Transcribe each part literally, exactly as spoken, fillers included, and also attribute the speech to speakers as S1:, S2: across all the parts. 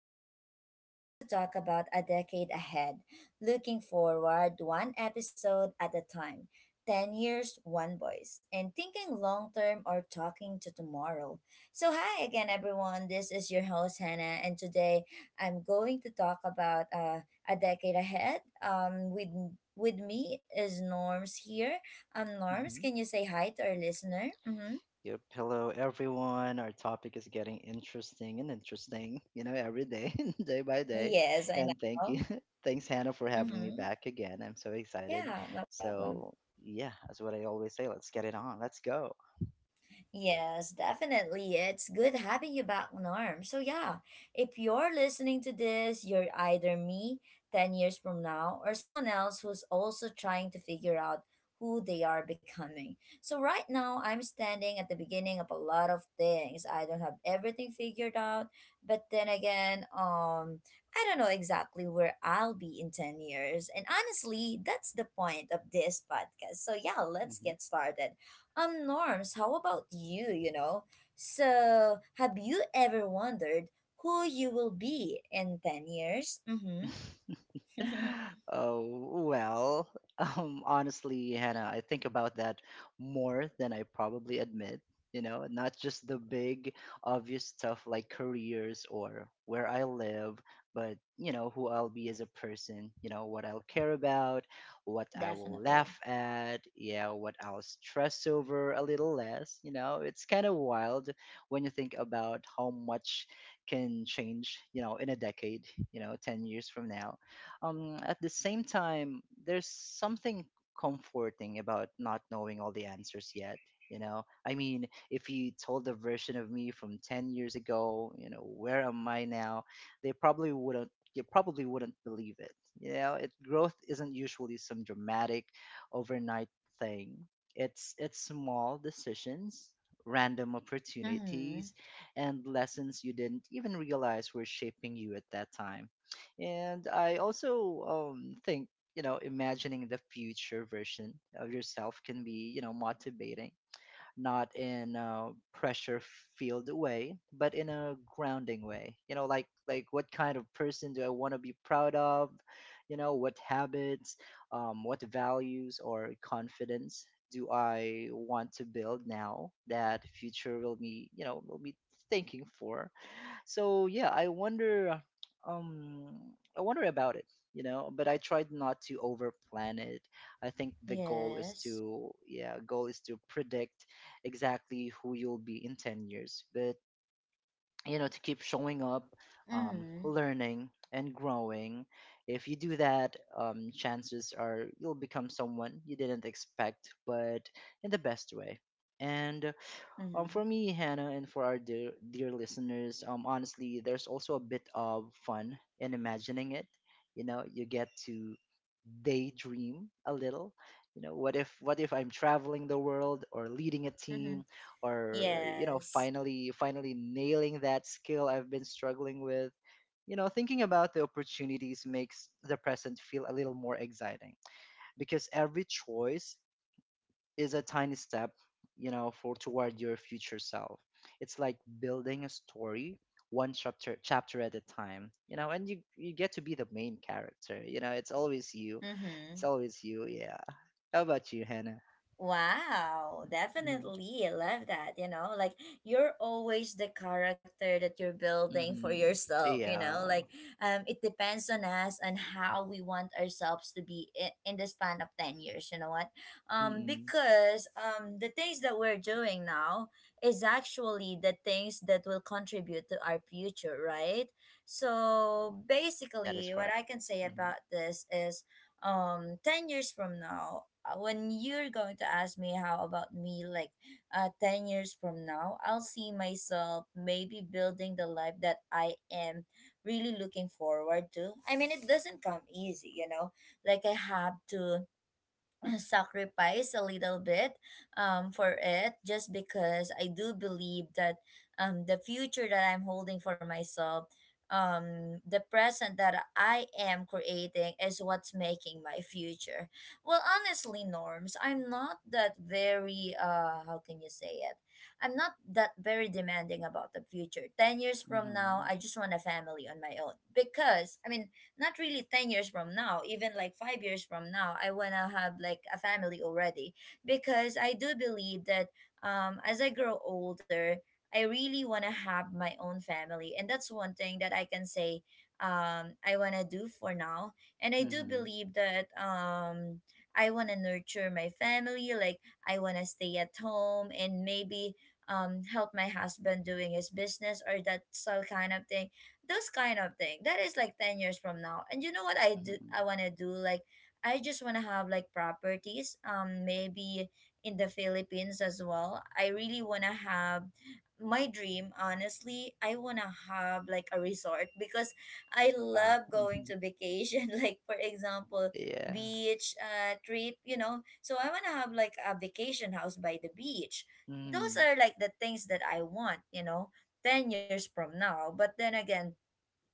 S1: So today we're going to talk about a decade ahead, looking forward one episode at a time, ten years, one voice, and thinking long term or talking to tomorrow. So hi again everyone, this is your host Hannah and today I'm going to talk about uh, a decade ahead. Um with with me is Norms here. Um, Norms,
S2: hmm
S1: can you say hi to our listener? Mhm.
S2: Yep. Hello, everyone. Our topic is getting interesting and interesting, you know, every day, day by day.
S1: Yes, I
S2: And thank you.
S1: know.
S2: Thanks, Hannah, for having me
S1: Mm-hmm.
S2: back again. I'm so excited.
S1: Yeah, no problem.
S2: So, yeah, that's what I always say. Let's get it on. Let's go.
S1: Yes, definitely. It's good having you back, Norm. So, yeah, if you're listening to this, you're either me ten years from now or someone else who's also trying to figure out who they are becoming. So, right now, I'm standing at the beginning of a lot of things. I don't have everything figured out, but then again, um, I don't know exactly where I'll be in ten years. And honestly, that's the point of this podcast. So, yeah, let's get started. Um, Norms, how about you, you know? So, have you ever wondered who you will be in ten years? Mm-hmm.
S2: hmm Oh, well, um, honestly, Hannah, I think about that more than I probably admit. You know, not just the big, obvious stuff like careers or where I live, but, you know, who I'll be as a person, you know, what I'll care about, what I will
S1: Definitely.
S2: laugh at, yeah, what I'll stress over a little less. You know, it's kind of wild when you think about how much can change, you know, in a decade, you know, ten years from now. Um, at the same time, there's something comforting about not knowing all the answers yet. You know, I mean, if you told the version of me from ten years ago, you know, where am I now? They probably wouldn't. You probably wouldn't believe it. You know, it growth isn't usually some dramatic overnight thing. It's it's small decisions, random
S1: Mm-hmm.
S2: opportunities, and lessons you didn't even realize were shaping you at that time. And I also um, think, you know, imagining the future version of yourself can be, you know, motivating, not in a pressure filled way, but in a grounding way. You know, like like what kind of person do I want to be proud of? You know, what habits, um, what values or confidence do I want to build now that future will be, you know, will be thinking for. So yeah, I wonder, um I wonder about it, you know, but I tried not to overplan it. I think the goal is
S1: Yes.
S2: to, yeah, goal is to predict exactly who you'll be in ten years, but you know, to keep showing up, um,
S1: Mm-hmm.
S2: learning and growing. If you do that, um, chances are you'll become someone you didn't expect, but in the best way. And um,
S1: Mm-hmm.
S2: for me, Hannah, and for our dear, dear listeners, um, honestly, there's also a bit of fun in imagining it. You know, you get to daydream a little. You know, what if what if I'm traveling the world or leading a team, or you know,
S1: Yes.
S2: finally finally nailing that skill I've been struggling with. You know, thinking about the opportunities makes the present feel a little more exciting because every choice is a tiny step, you know, for toward your future self. It's like building a story one chapter chapter at a time, you know, and you you get to be the main character. You know, it's always you.
S1: Mm-hmm.
S2: It's always you. Yeah. How about you, Hannah?
S1: Wow,
S2: Mm-hmm.
S1: definitely. I love that. You know, like you're always the character that you're building for
S2: Mm-hmm.
S1: yourself, you
S2: Yeah.
S1: know, like um, it depends on us and how we want ourselves to be in, in the span of ten years, you know what? Um,
S2: Mm-mm.
S1: because um, the things that we're doing now is actually the things that will contribute to our future, right? So
S2: That is
S1: basically, what
S2: correct.
S1: I can say
S2: Mm-hmm.
S1: about this is um ten years from now, uh, when you're going to ask me how about me, like uh ten years from now, I'll see myself maybe building the life that I am really looking forward to. I mean, it doesn't come easy, you know, like I have to sacrifice a little bit um, for it, just because I do believe that, um, the future that I'm holding for myself, um, the present that I am creating is what's making my future. Well, honestly, Norms, I'm not that very, uh, how can you say it? I'm not that very demanding about the future. ten years from now,
S2: Mm-hmm.
S1: I just want a family on my own because, I mean, not really ten years from now, even like five years from now. I want to have like a family already, because I do believe that, um as I grow older, I really want to have my own family, and that's one thing that I can say um I want to do for now. And I do
S2: Mm-hmm.
S1: believe that, um I want to nurture my family. Like, I want to stay at home and maybe um help my husband doing his business, or that sort kind of thing. Those kind of thing that is like ten years from now. And you know what I do,
S2: Mm-hmm.
S1: I want to do like, I just want to have like properties, um, maybe in the Philippines as well. I really want to have my dream. Honestly, I want to have like a resort, because I
S2: Wow.
S1: love going
S2: Mm-hmm.
S1: to vacation. Like for example,
S2: Yeah.
S1: beach uh trip, you know. So I want to have like a vacation house by the beach. Those
S2: Mm-hmm.
S1: are like the things that I want, you know, ten years from now. But then again,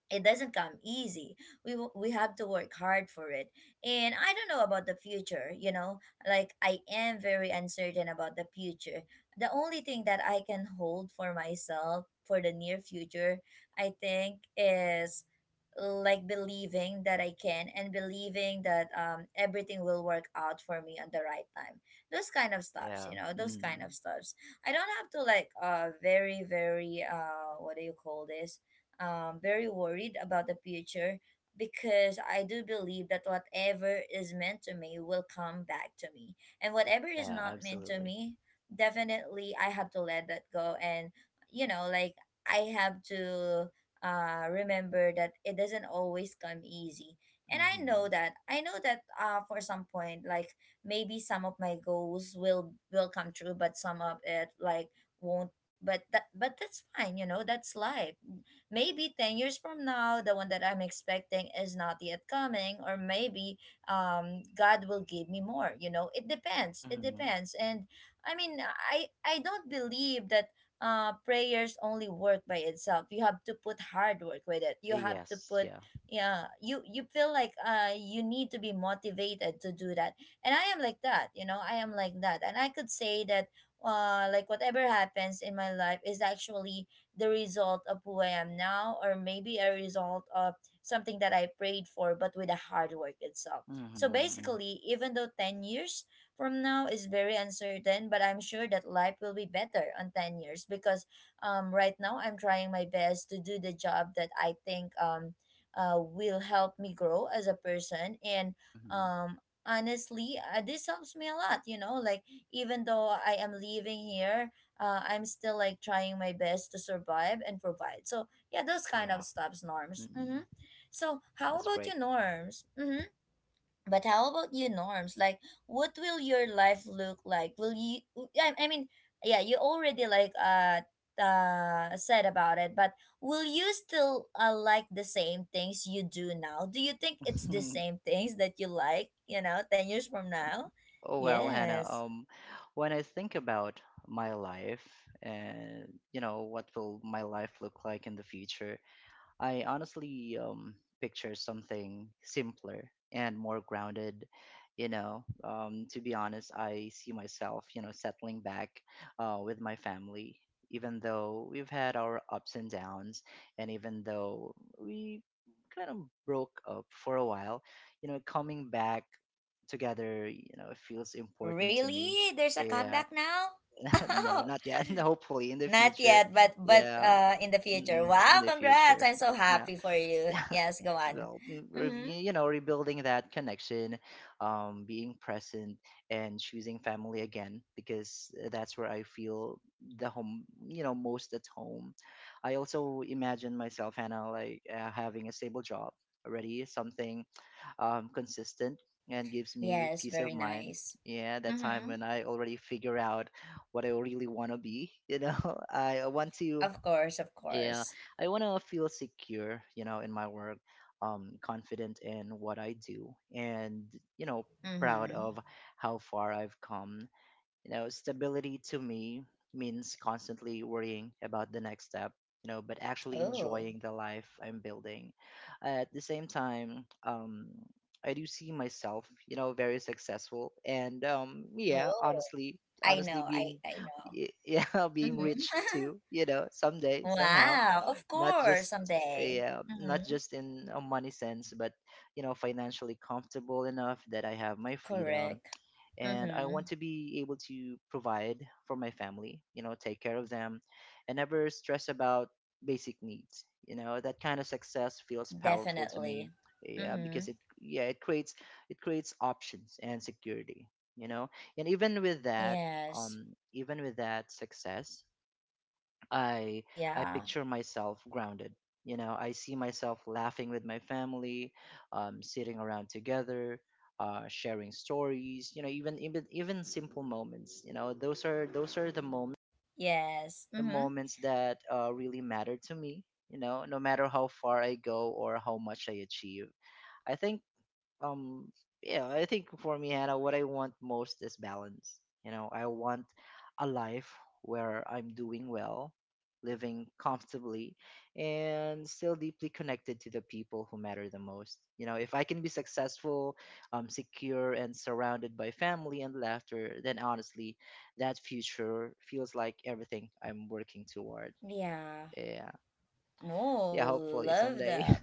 S1: it doesn't come easy. We wo- we have to work hard for it, and I don't know about the future, you know. Like, I am very uncertain about the future. The only thing that I can hold for myself for the near future, I think, is like believing that I can, and believing that um everything will work out for me on the right time. Those kind of stuffs, you
S2: Yeah.
S1: know, those kind
S2: Mm-hmm.
S1: of stuffs. I don't have to like, uh very very uh what do you call this? Um, very worried about the future, because I do believe that whatever is meant to me will come back to me. And whatever is
S2: Yeah,
S1: not meant to
S2: absolutely.
S1: me, definitely I have to let that go. And you know, like, I have to, uh, remember that it doesn't always come easy. And I know
S2: Mm-hmm.
S1: that. I know that, uh, for some point, like maybe some of my goals will will come true, but some of it like won't. But that but that's fine, you know. That's life. Maybe ten years from now, the one that I'm expecting is not yet coming, or maybe um God will give me more. You know, it depends. It
S2: Mm-hmm.
S1: depends. And I mean, I I don't believe that, uh, prayers only work by itself. You have to put hard work with it. You have to
S2: Yes,
S1: put,
S2: yeah.
S1: yeah. You you feel like uh you need to be motivated to do that. And I am like that. You know, I am like that. And I could say that, uh like whatever happens in my life is actually the result of who I am now, or maybe a result of something that I prayed for, but with the hard work itself.
S2: Mm-hmm,
S1: So
S2: mm-hmm,
S1: basically, even though ten years from now is very uncertain, but I'm sure that life will be better on ten years, because um, right now I'm trying my best to do the job that I think um, uh, will help me grow as a person. And
S2: mm-hmm.
S1: um, honestly, uh, this helps me a lot, you know, like even though I am leaving here, uh, I'm still like trying my best to survive and provide. So yeah, those kind of
S2: Wow.
S1: stuffs, Norms.
S2: Mm-mm.
S1: Mm-hmm. So how
S2: That's
S1: about
S2: great.
S1: your Norms? Mm-hmm. But how about you, Norms? Like, what will your life look like? Will you? I, I mean, yeah, you already like uh uh said about it, but will you still, uh, like the same things you do now? Do you think it's the same things that you like? You know, ten years from now.
S2: Oh well, Hannah,
S1: Yes.
S2: um, when I think about my life and you know what will my life look like in the future, I honestly um, picture something simpler and more grounded. You know, um, to be honest, I see myself, you know, settling back uh, with my family, even though we've had our ups and downs, and even though we kind of broke up for a while, you know, coming back together, you know, it feels important to me.
S1: Really? There's a
S2: Yeah,
S1: comeback now?
S2: no,
S1: Oh,
S2: not yet. Hopefully in the
S1: not
S2: future.
S1: yet, but but
S2: Yeah,
S1: uh, in the future.
S2: mm, in
S1: Wow,
S2: the
S1: congrats.
S2: future.
S1: I'm so
S2: Yeah
S1: happy for you. Yes, go on.
S2: well, mm, re-
S1: Mhm.
S2: you know, rebuilding that connection, um being present and choosing family again because uh, that's where I feel the home, you know, most at home. I also imagine myself, Hannah, like uh, having a stable job already, something um consistent and gives me
S1: Yes,
S2: peace of
S1: very
S2: mind.
S1: nice.
S2: Yeah, that time
S1: Mm-hmm.
S2: when I already figure out what I really want to be, you know. I want to,
S1: Of course, of
S2: yeah,
S1: course.
S2: I want to feel secure, you know, in my work, um confident in what I do, and you know, proud
S1: Mm-hmm.
S2: of how far I've come. You know, stability to me means constantly worrying about the next step, you know, but actually
S1: Oh.
S2: enjoying the life I'm building. At the same time, um I do see myself, you know, very successful and um yeah
S1: Oh.
S2: honestly,
S1: I
S2: honestly
S1: know, I
S2: being
S1: I know.
S2: yeah being
S1: Mm-hmm.
S2: rich too, you know, someday somehow.
S1: Wow, of
S2: Not
S1: course,
S2: just,
S1: someday.
S2: yeah,
S1: Mm-hmm.
S2: not just in a money sense, but you know, financially comfortable enough that I have my freedom,
S1: Correct.
S2: and I want
S1: Mm-hmm.
S2: to be able to provide for my family, you know, take care of them and never stress about basic needs. You know, that kind of success feels powerful to me.
S1: Definitely.
S2: Yeah, because
S1: Mm-hmm.
S2: it, yeah, it creates it creates options and security, you know. And even with that,
S1: Yes.
S2: um even with that success, I I
S1: Yeah.
S2: picture myself grounded. You know, I see myself laughing with my family, um, sitting around together, uh, sharing stories. You know, even even even simple moments. You know, those are those are the moments
S1: Yes.
S2: the
S1: Mm-hmm.
S2: moments that uh, really matter to me. You know, no matter how far I go or how much I achieve. I think um yeah, I think for me, Hannah, what I want most is balance. You know, I want a life where I'm doing well, living comfortably, and still deeply connected to the people who matter the most. You know, if I can be successful, um, secure and surrounded by family and laughter, then honestly, that future feels like everything I'm working toward.
S1: Yeah.
S2: Yeah, yeah,
S1: Oh,
S2: hopefully
S1: love
S2: someday.
S1: that.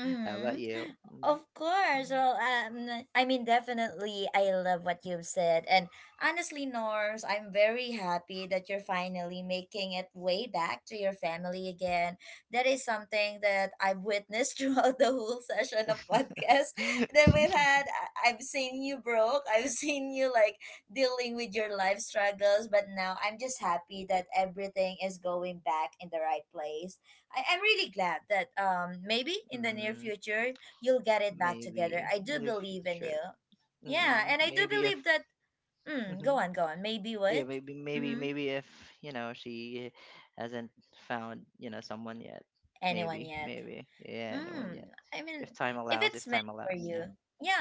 S2: How about you?
S1: Of course. Well, um, I mean, definitely, I love what you've said. And honestly, Norse, I'm very happy that you're finally making it way back to your family again. That is something that I've witnessed throughout the whole session of podcast
S2: Mm.
S1: that we've had. I- I've seen you broke. I've seen you like dealing with your life struggles. But now I'm just happy that everything is going back in the right place. I, I'm really glad that um, maybe in the near
S2: Mm,
S1: future you'll get it back together.
S2: maybe
S1: I
S2: in
S1: do
S2: the
S1: believe in
S2: future.
S1: you. Yeah,
S2: Mm,
S1: and I do
S2: maybe if
S1: believe that. Mm,
S2: hmm
S1: go on, go on. Maybe
S2: yeah,
S1: what?
S2: maybe maybe
S1: Mm-hmm.
S2: maybe if you know she hasn't found, you know, someone yet.
S1: Anyone
S2: Maybe
S1: yet?
S2: maybe yeah, no one yet.
S1: Mm, I mean,
S2: If time
S1: if
S2: allows, if
S1: it's meant
S2: time
S1: for
S2: allows,
S1: you,
S2: yeah.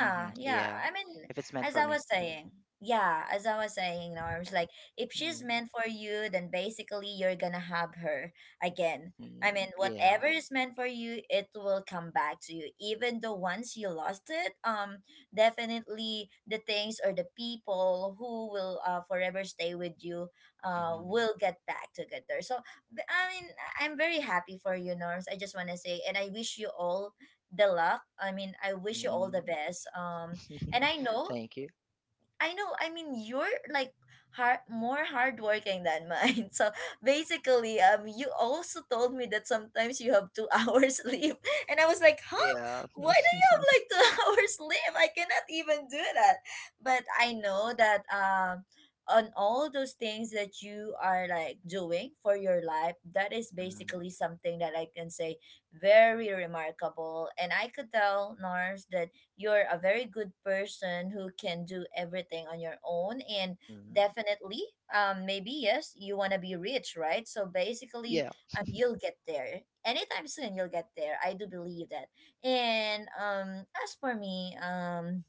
S2: Mm-hmm.
S1: yeah.
S2: Yeah,
S1: I mean,
S2: if it's meant
S1: as
S2: for
S1: I
S2: me.
S1: was saying, yeah, as I was saying, Norms, like if she's
S2: Mm-hmm.
S1: meant for you, then basically you're gonna have her again. I mean,
S2: Yeah.
S1: whatever is meant for you, it will come back to you. Even the ones you lost it, um, definitely the things or the people who will, uh, forever stay with you, uh,
S2: Mm-hmm.
S1: will get back together. So, b- I mean, I'm very happy for you, Norms. I just want to say, and I wish you all the luck. I mean, I wish you all the
S2: Mm-hmm.
S1: best. Um, and I know,
S2: Thank you.
S1: I know. I mean, you're like hard, more hardworking than mine. So basically, um, you also told me that sometimes you have two hours sleep, and I was like, huh?
S2: Yeah.
S1: Why do you have like two hours sleep? I cannot even do that. But I know that, um, on all those things that you are like doing for your life, that is
S2: hmm
S1: basically something that I can say very remarkable, and I could tell Nars that you're a very good person who can do everything on your own. And
S2: Mm-hmm.
S1: definitely, um, maybe yes, you want to be rich, right? So basically,
S2: Yeah.
S1: um, you'll get there anytime soon. You'll get there, I do believe that. And um, as for me, um,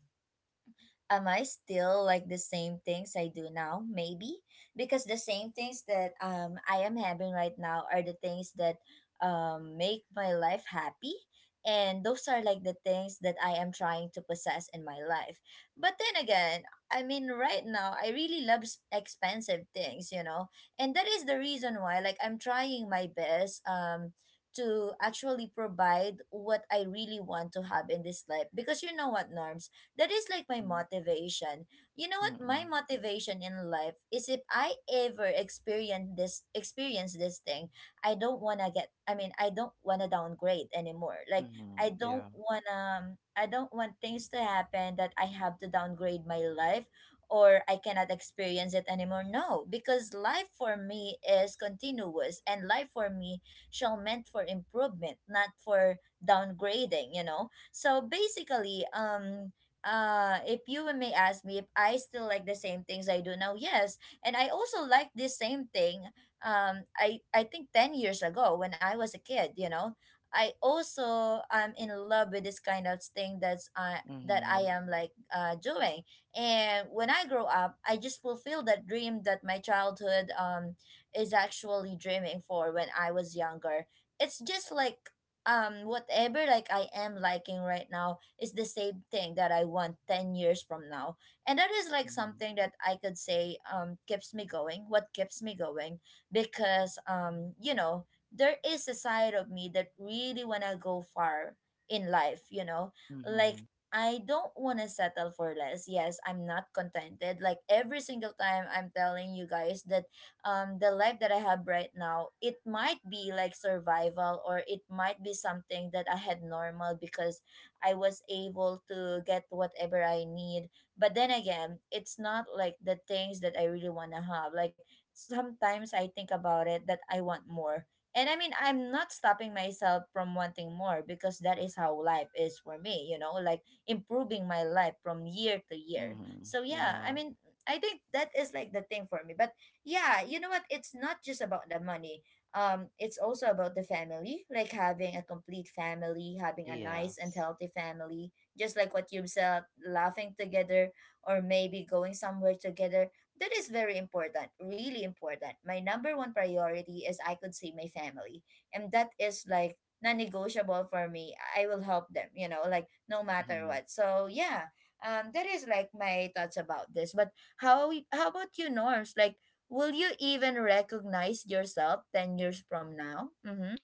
S1: am I still like the same things I do now? Maybe, because the same things that um, I am having right now are the things that um, make my life happy, and those are like the things that I am trying to possess in my life. But then again, I mean right now I really love s- expensive things, you know. And that is the reason why, like, I'm trying my best um, to actually provide what I really want to have in this life, because you know what, Norms, that is like my
S2: Mm-hmm.
S1: motivation. You know what? My
S2: Mm-hmm.
S1: motivation in life is if I ever experience this experience this thing, I don't wanna get I mean I don't wanna downgrade anymore. Like
S2: Mm-hmm.
S1: I don't
S2: Yeah.
S1: wanna I don't want things to happen that I have to downgrade my life or I cannot experience it anymore. No, because life for me is continuous and life for me shall meant for improvement, not for downgrading, you know. So basically, um uh if you may ask me if I still like the same things I do now, yes, and I also like this same thing. Um i i think ten years ago when I was a kid, you know, I also am in love with this kind of thing that's uh that I
S2: Mm-hmm.
S1: am like uh doing and when I grow up, I just fulfill that dream that my childhood um is actually dreaming for when I was younger. It's just like, um whatever like I am liking right now is the same thing that I want ten years from now. And that is like
S2: Mm-hmm.
S1: something that I could say um keeps me going, what keeps me going because um you know, there is a side of me that really want to go far in life, you know? Like
S2: Mm-hmm.
S1: I don't want to settle for less. Yes, I'm not contented. Like every single time I'm telling you guys that um the life that I have right now, it might be like survival or it might be something that I had normal because I was able to get whatever I need. But then again, it's not like the things that I really want to have. Like sometimes I think about it that I want more. And I mean, I'm not stopping myself from wanting more because that is how life is for me, you know, like improving my life from year to year.
S2: Mm-hmm.
S1: So, yeah, I
S2: Yeah.
S1: mean, I think that is like the thing for me. But yeah, you know what? It's not just about the money, um, it's also about the family, like having a complete family, having a nice and
S2: Yes.
S1: healthy family, just like what you said, laughing together or maybe going somewhere together. That is very important, really important. My number one priority is I could see my family, and that is like non negotiable for me. I will help them, you know, like no matter
S2: Mm-hmm.
S1: what. So, yeah. Um, that is like my thoughts about this. But how how about you, Norms? Like, will you even recognize yourself ten years from now? Mm-hmm.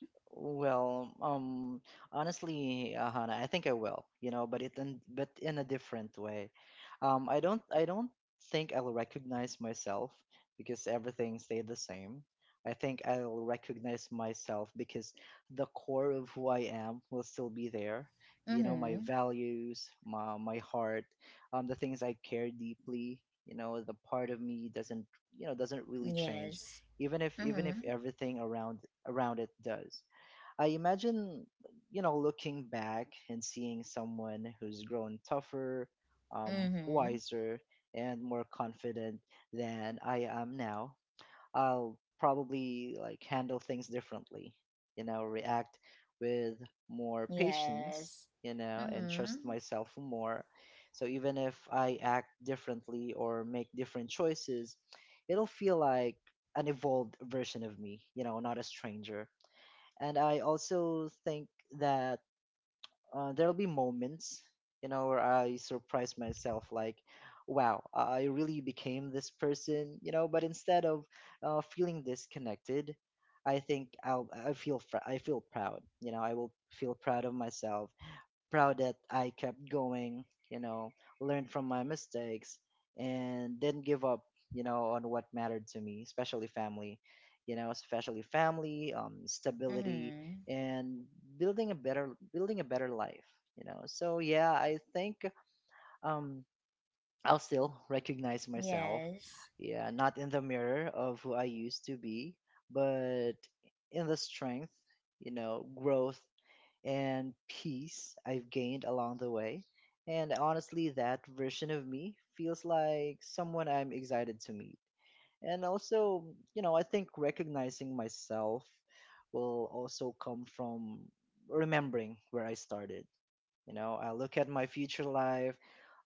S2: Well, um, honestly, uh, Hannah, I think I will, you know, but it in, but in a different way. Um, I don't I don't think I'll recognize myself because everything stayed the same. I think I'll recognize myself because the core of who I am will still be there. You know, my
S1: Mm-hmm.
S2: values, my my heart, um, the things I care deeply, you know, the part of me doesn't, you know, doesn't really change,
S1: Yes.
S2: even if even if
S1: Mm-hmm.
S2: everything around around it does. I imagine, you know, looking back and seeing someone who's grown tougher, um,
S1: Mm-hmm.
S2: wiser, and more confident than I am now. I'll probably like handle things differently, you know, react with more patience,
S1: Yes.
S2: you know, and trust
S1: Mm-hmm.
S2: myself more. So even if I act differently or make different choices, it'll feel like an evolved version of me, you know, not a stranger. And I also think that uh, there'll be moments, you know, where I surprise myself, like, wow, I really became this person, you know. But instead of uh, feeling disconnected, I think I'll I feel fr- I feel proud, you know. I will feel proud of myself, proud that I kept going, you know, learned from my mistakes and didn't give up, you know, on what mattered to me, especially family, you know, especially family, um, stability
S1: Mm-hmm.
S2: and building a better building a better life, you know. So yeah, I think um I'll still recognize myself.
S1: Yes.
S2: Yeah, not in the mirror of who I used to be, but in the strength, you know, growth and peace I've gained along the way. And honestly, that version of me feels like someone I'm excited to meet. And also, you know, I think recognizing myself will also come from remembering where I started. You know, I look at my future life,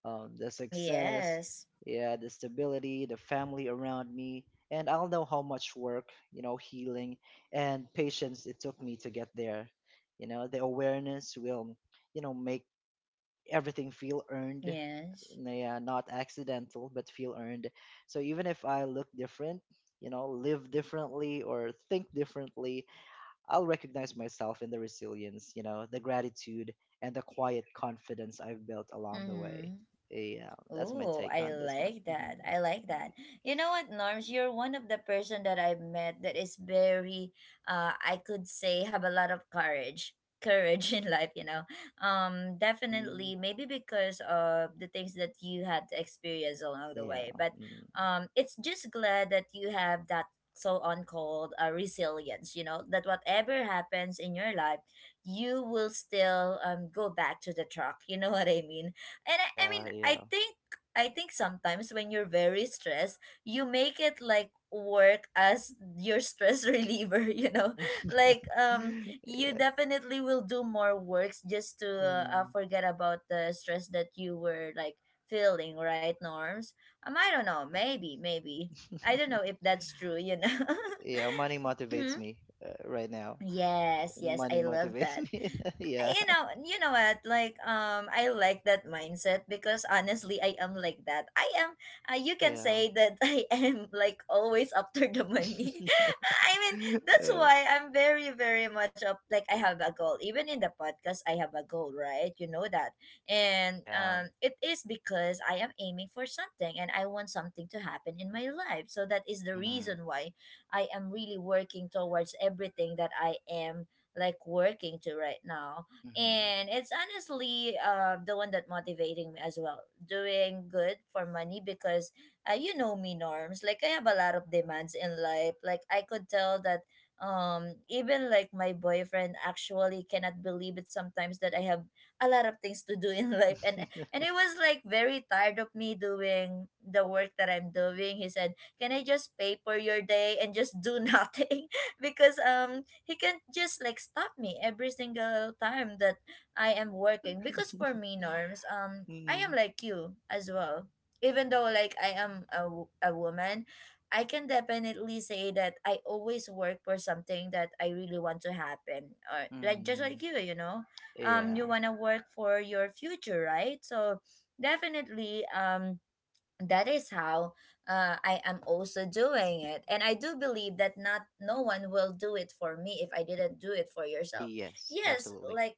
S2: um, the success,
S1: Yes.
S2: yeah, the stability, the family around me, and I'll know how much work, you know, healing and patience it took me to get there. You know, the awareness will, you know, make everything feel earned,
S1: Yes.
S2: yeah, not accidental, but feel earned. So even if I look different, you know, live differently or think differently, I'll recognize myself in the resilience, you know, the gratitude and the quiet confidence I've built along the way.
S1: Mm-hmm.
S2: Yeah, that's my
S1: Oh,
S2: take
S1: I
S2: on this one.
S1: like that.
S2: Hmm
S1: I like that. You know what, Norms? You're one of the person that I've met that is very, uh, I could say, have a lot of courage, courage in life. You know, um,
S2: hmm
S1: definitely, maybe because of the things that you had to experience along the
S2: Yeah.
S1: way. But,
S2: mm
S1: um, it's just glad that you have that so on called uh, resilience. You know that whatever happens in your life, you will still um go back to the truck. You know what I mean? And I, I mean,
S2: Yeah,
S1: I
S2: yeah.
S1: think I think sometimes when you're very stressed, you make it like work as your stress reliever, you know? Like um you
S2: yeah.
S1: definitely will do more works just to uh, uh,
S2: mm
S1: forget about the stress that you were like feeling, right, Norms? Um, I don't know,
S2: Yeah.
S1: maybe, maybe. I don't know if that's true, you know.
S2: yeah, money motivates
S1: Mhm.
S2: me uh, right now.
S1: Yes, yes,
S2: Money
S1: I love
S2: motivates
S1: that.
S2: me. yeah.
S1: You know, you know what, like, um I like that mindset because honestly I am like that. I am uh, you can
S2: Yeah.
S1: say that, I am like always after the money. I mean, that's
S2: Uh,
S1: why I'm very very much up, like I have a goal. Even in the podcast I have a goal, right? You know that. And
S2: yeah.
S1: um it is because I am aiming for something and I want something to happen in my life, so that is the
S2: hmm
S1: reason why I am really working towards everything that I am like working to right now.
S2: hmm
S1: And it's honestly uh, the one that motivating me as well, doing good for money, because uh, you know me, Norms, like I have a lot of demands in life. Like I could tell that um even like my boyfriend actually cannot believe it sometimes that I have a lot of things to do in life. and and he was like very tired of me doing the work that I'm doing. He said, can I just pay for your day and just do nothing? Because um he can't just like stop me every single time that I am
S2: Sure.
S1: working, because for me, Norms, um I
S2: mm
S1: am like you as well. Even though like I am a, w- a woman, I can definitely say that I always work for something that I really want to happen, or like just
S2: mm
S1: like you you know, um
S2: Yeah.
S1: you want to work for your future, right? So definitely, um that is how uh, I am also doing it. And I do believe that not no one will do it for me if I didn't do it for yourself.
S2: Yes,
S1: Yes,
S2: absolutely.
S1: like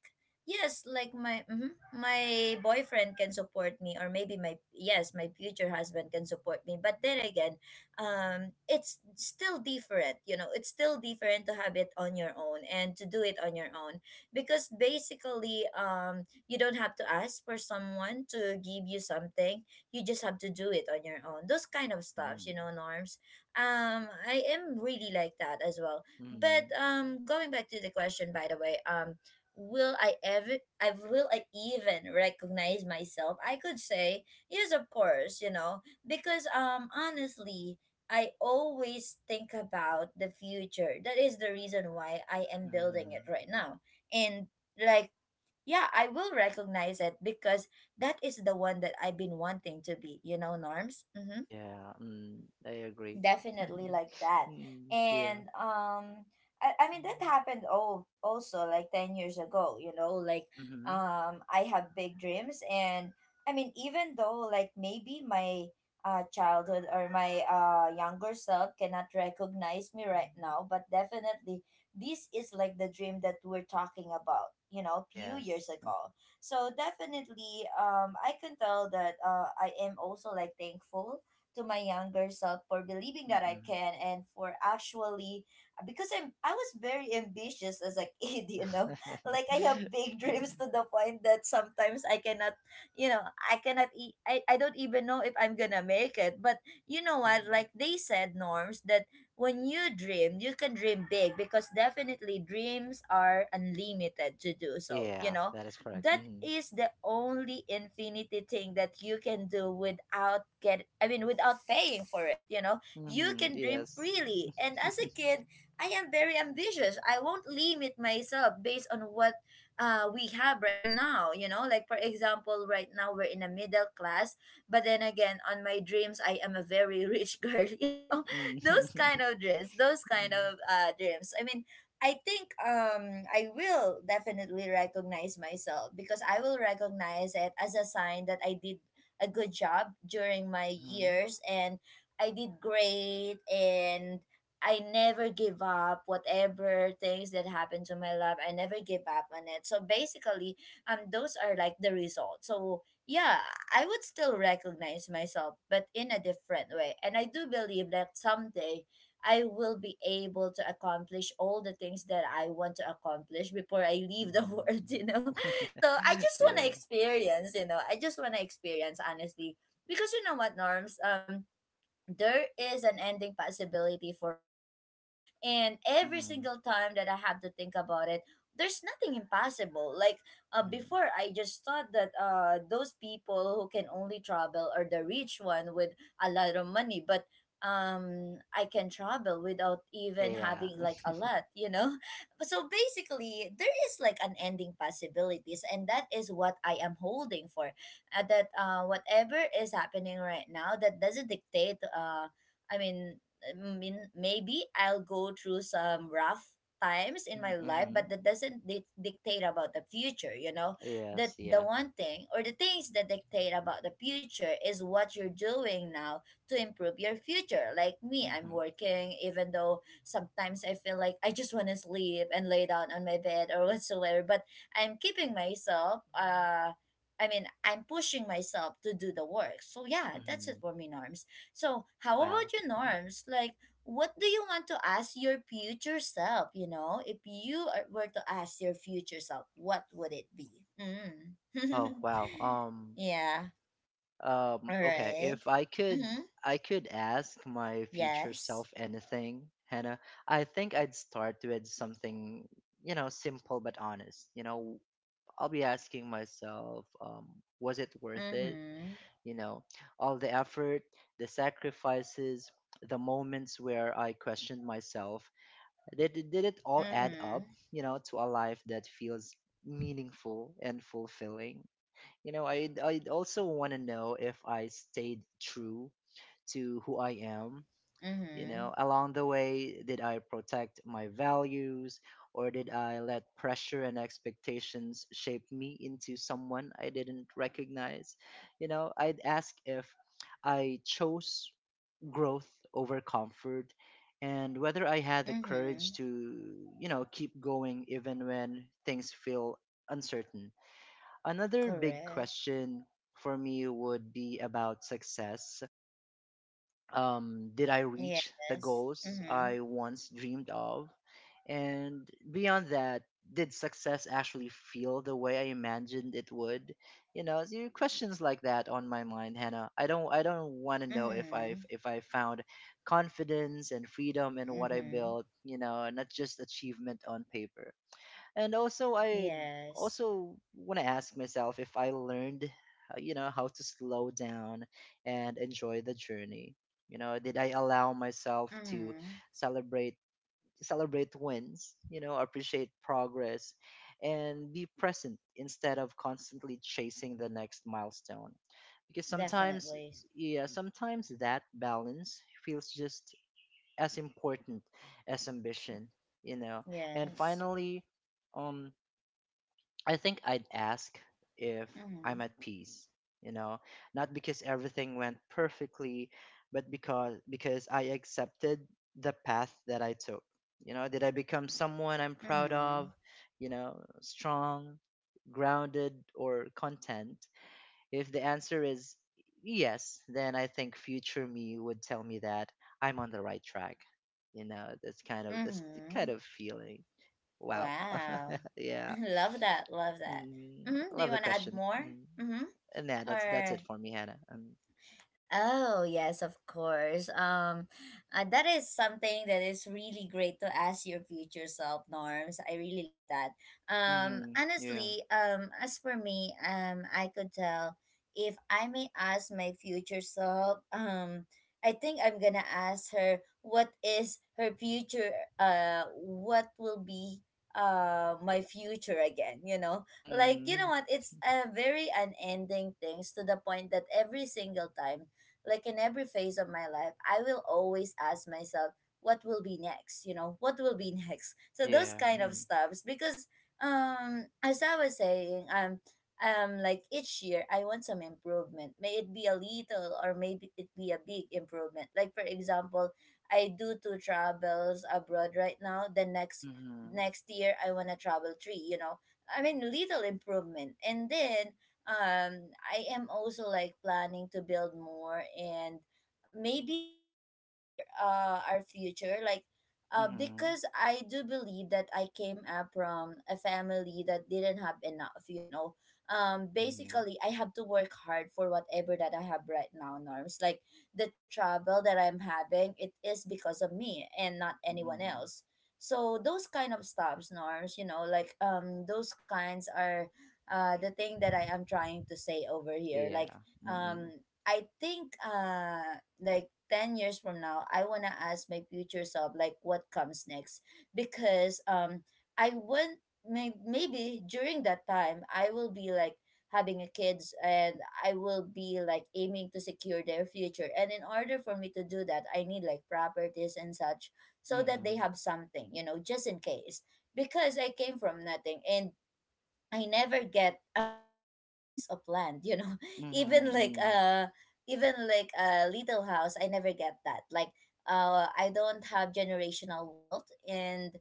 S1: yes, like my mhm, my boyfriend can support me, or maybe my, yes, my future husband can support me. But then again, um, it's still different. You know, it's still different to have it on your own and to do it on your own because basically, um, you don't have to ask for someone to give you something, you just have to do it on your own, those kind of stuffs,
S2: Mm
S1: you know, Norms. um I am really like that as well.
S2: mm
S1: But um going back to the question, by the way, um will i ever i will I even recognize myself? I could say yes, of course, you know, because um honestly I always think about the future. That is the reason why I am building
S2: mm
S1: it right now. And like yeah, I will recognize it because that is the one that I've been wanting to be, you know, Norms. Hmm.
S2: Yeah, mm, I agree.
S1: Definitely
S2: mm
S1: like that.
S2: Yeah.
S1: And um I, I mean that happened all also like ten years ago, you know. Like
S2: Mm-hmm.
S1: um I have big dreams. And I mean, even though like maybe my uh childhood or my uh younger self cannot recognize me right now, but definitely this is like the dream that we're talking about, you know, few years
S2: Yes.
S1: ago. So definitely, um I can tell that uh I am also like thankful to my younger self for believing that I
S2: Mm-mm.
S1: can, and for actually uh, because I'm I was very ambitious as a kid, you know. Like I have big dreams
S2: Mm,
S1: to the point that sometimes I cannot, you know, I cannot e- I, I don't even know if I'm going to make it. But you know what?
S2: mm.
S1: Like they said, Norms, that when you dream, you can dream big because definitely dreams are unlimited to do so, you
S2: Yeah,
S1: know,
S2: that is correct.
S1: that
S2: Mm-hmm.
S1: is the only infinity thing that you can do without get I mean without paying for it, you know. You
S2: Mm-hmm.
S1: can dream
S2: Yes.
S1: freely. And as a kid, I am very ambitious, I won't limit myself based on what uh, we have right now. You know, like for example, right now we're in a middle class, but then again, on my dreams I am a very rich girl, you know. Those
S2: Mm-hmm.
S1: kind of dreams, those kind of uh, dreams, I mean, I think um I will definitely recognize myself because I will recognize it as a sign that I did a good job during my
S2: Mm-hmm.
S1: years, and I did great, and I never give up whatever things that happen to my life. I never give up on it. So basically, um those are like the results. So yeah, I would still recognize myself, but in a different way. And I do believe that someday I will be able to accomplish all the things that I want to accomplish before I leave the world, you know?
S2: Mm-hmm.
S1: So I just want to
S2: Yeah.
S1: experience, you know, I just want to experience, honestly. Because you know what, Norms? Um, there is an ending possibility for all of us. And every
S2: Mm-hmm.
S1: single time that I have to think about it, there's nothing impossible. Like uh,
S2: Mm-hmm.
S1: before, I just thought that uh, those people who can only travel are the rich one with a lot of money, but um I can travel without even
S2: Yeah.
S1: having like a lot, you know. So basically there is like an ending possibilities, and that is what I am holding for. Uh, that uh, whatever is happening right now, that doesn't dictate uh, i mean I mean, maybe I'll go through some rough times in my life,
S2: Mm-hmm.
S1: but that doesn't di- dictate about the future, you know? That
S2: Yes,
S1: the
S2: yeah.
S1: one thing or the things that dictate about the future is what you're doing now to improve your future. Like me, I'm
S2: Mm-hmm.
S1: working even though sometimes I feel like I just want to sleep and lay down on my bed or whatsoever, but I'm keeping myself uh I mean, I'm pushing myself to do the work. So yeah, that's
S2: Mm-hmm.
S1: it for me, Norms. So how
S2: Wow.
S1: about you, Norms? Like, what do you want to ask your future self? You know, if you are- were to ask your future self, what would it be? Mm.
S2: Oh, wow. Um,
S1: Yeah.
S2: um,
S1: All
S2: okay,
S1: right.
S2: if I could,
S1: Mm-hmm.
S2: I could ask my future
S1: Yes.
S2: self anything, Hannah, I think I'd start with something, you know, simple but honest. You know, I'll be asking myself, um, was it worth it?
S1: Mm-hmm.
S2: You know, all the effort, the sacrifices, the moments where I questioned myself, Did, did did it all add
S1: Mm-hmm.
S2: up, you know, to a life that feels meaningful and fulfilling? You know, I'd, I'd also want to know if I stayed true to who I am. You
S1: Mm-hmm.
S2: know, along the way, did I protect my values or did I let pressure and expectations shape me into someone I didn't recognize? You know, I'd ask if I chose growth over comfort and whether I had the courage
S1: Mm-hmm.
S2: to, you know, keep going even when things feel uncertain. Another big
S1: Correct.
S2: question for me would be about success. Um, did I reach the
S1: Yes.
S2: goals
S1: Mm-hmm.
S2: I once dreamed of? And beyond that, did success actually feel the way I imagined it would? You know, so questions like that on my mind, Hannah. I don't, I don't want to know if I,
S1: Mm-hmm.
S2: if I found confidence and freedom in what I
S1: Mm-hmm.
S2: built. You know, not just achievement on paper. And also I
S1: Yes.
S2: also want to ask myself if I learned, uh, you know, how to slow down and enjoy the journey. You know, did I allow myself to
S1: Mm-hmm.
S2: celebrate celebrate wins, you know, appreciate progress, and be present instead of constantly chasing the next milestone? Because sometimes,
S1: Definitely.
S2: yeah, sometimes that balance feels just as important as
S1: Mm-hmm.
S2: ambition, you know. And
S1: Yes.
S2: finally, um I think I'd ask if
S1: Mm-hmm.
S2: I'm at peace, you know, not because everything went perfectly, but because because I accepted the path that I took. You know, did I become someone I'm proud of,
S1: Mm-hmm.
S2: you know, strong, grounded or content? If the answer is yes, then I think future me would tell me that I'm on the right track. You know, this kind of this kind
S1: Mm-hmm.
S2: of feeling. Wow.
S1: Wow.
S2: Yeah.
S1: Love that. Love that.
S2: Mm, I
S1: Mm-hmm.
S2: love
S1: Do
S2: the
S1: you want to add
S2: question.
S1: more?
S2: Mm.
S1: Mm-hmm.
S2: And yeah, that's that's it
S1: Or
S2: for me, Hannah. Um,
S1: oh, yes, of course. Um, uh, that is something that is really great to ask your future self, Norms. I really love that. Um,
S2: mm-hmm, yeah.
S1: honestly, um, as for me, um, I could tell if I may ask my future self, um, I think I'm gonna ask her what is her future, uh, what will be uh my future again, you know? Like, you know
S2: Mm-hmm,
S1: what, it's a very unending things to the point that every single time, like in every phase of my life, I will always ask myself, what will be next? You know, what will be next? So those
S2: yeah.
S1: kind of
S2: Mm-hmm,
S1: stuffs because um as I was saying, um um like each year I want some improvement. May it be a little or maybe it be a big improvement. Like for example, I do two travels abroad right now. The next
S2: mm-hmm,
S1: next year I wanna travel three, you know. I mean little improvement. And then um I am also like planning to build more and maybe secure uh our future, like uh
S2: mm-hmm,
S1: because I do believe that I came up from a family that didn't have enough, you know. Um
S2: mm-hmm,
S1: basically, I have to work hard for whatever that I have right now, Norms, like the trouble that I'm having, it is because of me and not anyone
S2: mm-hmm,
S1: else. So those kind of stuffs, Norms, you know, like um those kinds are uh, the thing that I am trying to say over here. Like,
S2: yeah.
S1: um,
S2: Mm-hmm,
S1: I think uh, like ten years from now, I want to ask my future self, like, what comes next? Because um, I want, may- maybe during that time, I will be like having a kids and I will be like aiming to secure their future, and in order for me to do that I need like properties and such so that they
S2: mm-hmm,
S1: have something, you know, just in case. Because I came from nothing, and I never get uh even a piece of land, you know.
S2: mm-hmm,
S1: Even like
S2: mm-hmm.
S1: uh even like a little house, I never get that. Like uh I don't have generational wealth. And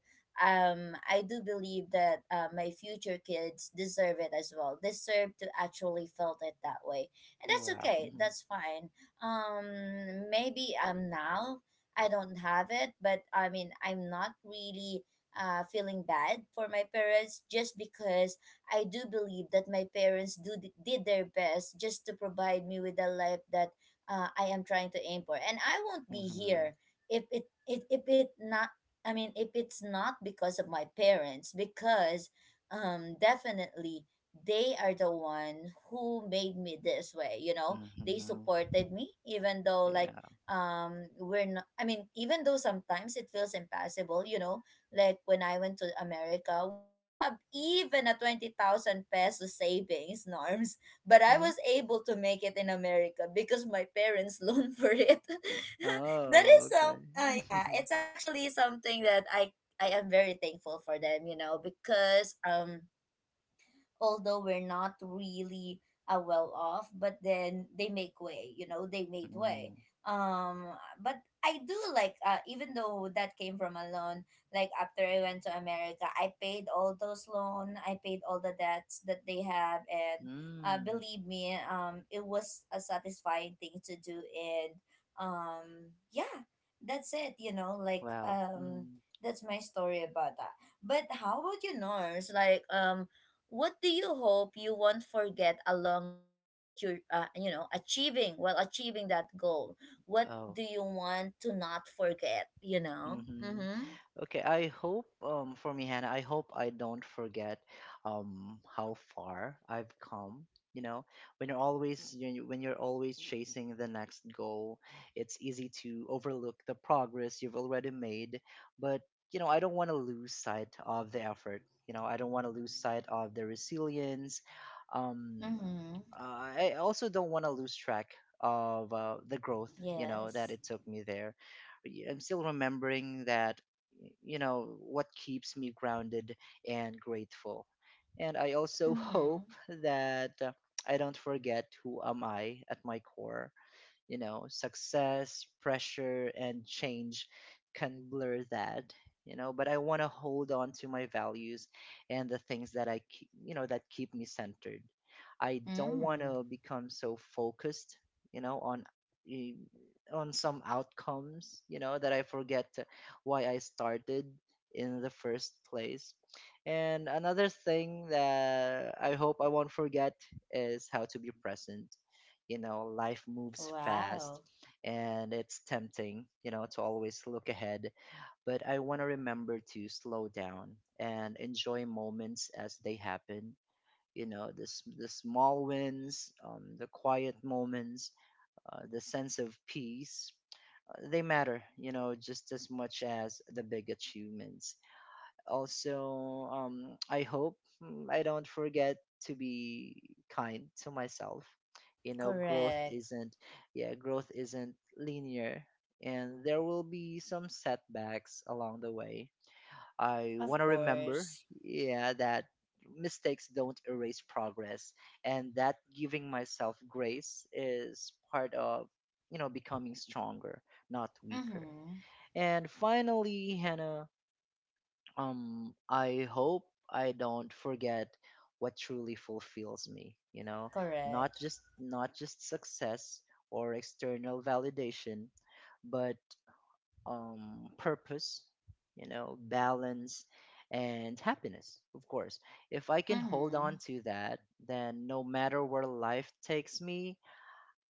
S1: um I do believe that uh, my future kids deserve it as well. Deserve to actually felt it that way. And that's
S2: Wow.
S1: okay.
S2: Mm-hmm,
S1: That's fine. Um maybe um now I don't have it, but I mean I'm not really uh feeling bad for my parents, just because I do believe that my parents do did their best just to provide me with a life that uh, I am trying to aim for. And I won't be
S2: mm-hmm,
S1: here if it, it if it not I mean if it's not because of my parents, because um definitely they are the one who made me this way, you know. They
S2: mm-hmm,
S1: supported me even though like
S2: yeah.
S1: um we're not I mean even though sometimes it feels impossible, you know, like when I went to America, we don't have even a twenty thousand peso savings, Norms, but I
S2: Mm-hmm.
S1: was able to make it in America because my parents loaned for it. That is
S2: Oh,
S1: some
S2: okay.
S1: uh, yeah, it's actually something that I I am very thankful for them, you know, because um although we're not really uh, well off, but then they make way, you know, they made way.
S2: Mm-hmm,
S1: um but I do like uh, even though that came from a loan, like after I went to America, I paid all those loan, I paid all the debts that they have. And uh,
S2: mm,
S1: believe me, um it was a satisfying thing to do. And um yeah, that's it, you know, like
S2: wow.
S1: um
S2: Mm,
S1: that's my story about that. But how about you, Norse? Like, um what do you hope you won't forget along the way that you're uh, you know, achieving while achieving that goal? What
S2: oh.
S1: do you want to not forget, you know?
S2: Mm-hmm.
S1: Mm-hmm.
S2: Okay, I hope, um for me, Hannah, I hope I don't forget, um how far I've come. You know, when you're always you know, when you're always chasing the next goal, it's easy to overlook the progress you've already made. But, you know, I don't want to lose sight of the effort. You know, I don't want to lose sight of the resilience. Um,
S1: Mm-hmm.
S2: I I also don't want to lose track of, uh, the growth. You know, that
S1: Yes.
S2: it took me there. I'm still remembering that, you know, what keeps me grounded and grateful. And I also hope
S1: Mm-hmm.
S2: that, uh, I don't forget who am I at my core. You know, success, pressure, and change can blur that. You know, but I want to hold on to my values and the things that I, ke- you know, that keep me centered. I don't want
S1: Mm.
S2: to become so focused, you know, on eh, on some outcomes, you know, that I forget why I started in the first place. And another thing that I hope I won't forget is how to be present. You know, life moves fast,
S1: Wow.
S2: and it's tempting, you know, to always look ahead. But I want to remember to slow down and enjoy moments as they happen. You know, the, s- the small wins, um, the quiet moments, uh, the sense of peace, uh, they matter, you know, just as much as the big achievements. Also, um, I hope, mm, I don't forget to be kind to myself. You know, growth
S1: Correct.
S2: isn't, yeah, growth isn't linear, and there will be some setbacks along the way. I
S1: Of
S2: want to remember,
S1: course.
S2: yeah, that mistakes don't erase progress, and that giving myself grace is part of, you know, becoming stronger, not weaker.
S1: Mm-hmm.
S2: And finally, Hannah, um I hope I don't forget what truly fulfills me. You know, not
S1: Correct.
S2: just not just success or external validation, but, um purpose, you know, balance, and happiness, of course. If I can hold
S1: Mm-hmm.
S2: on to that, then no matter where life takes me,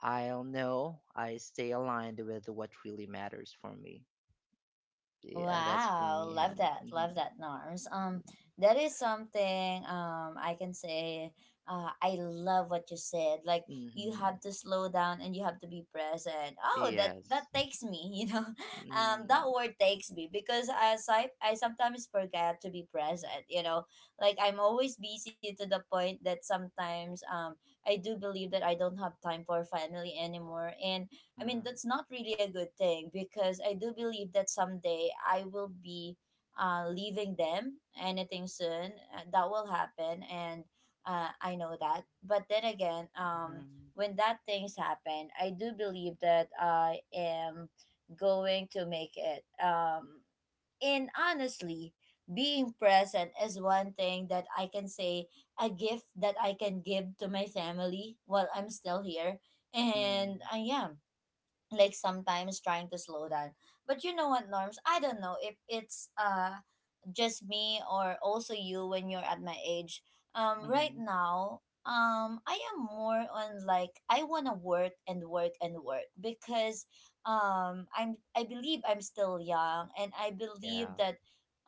S2: I'll know I stay aligned with what really matters for me. Yeah, that's for
S1: Wow,
S2: me,
S1: love
S2: Hannah.
S1: that, love that, Norms. Um, that is something um I can say. Uh, I love what you said. Like,
S2: Hmm.
S1: you
S2: Hmm.
S1: have to slow down and you have to be present. Oh, that
S2: Yes.
S1: that takes me. You know, um,
S2: Mm.
S1: that word takes me because as I I sometimes forget to be present. You know, like I'm always busy to the point that sometimes um I do believe that I don't have time for family anymore. And I mean,
S2: Mhm.
S1: that's not really a good thing because I do believe that someday I will be uh, leaving them anything soon. Uh, that will happen, and uh, I know that. But then again, um,
S2: Mhm.
S1: when that things happen, I do believe that I am going to make it. Um, and honestly, being present is one thing that I can say, a gift that I can give to my family while I'm still here. And
S2: Mhm.
S1: I am like sometimes trying to slow down. But you know what, Norms, I don't know if it's uh just me or also you when you're at my age um right
S2: Mhm.
S1: now. um I am more on like I want to work and work and work because um i'm I believe I'm still young and I
S2: Yeah.
S1: believe that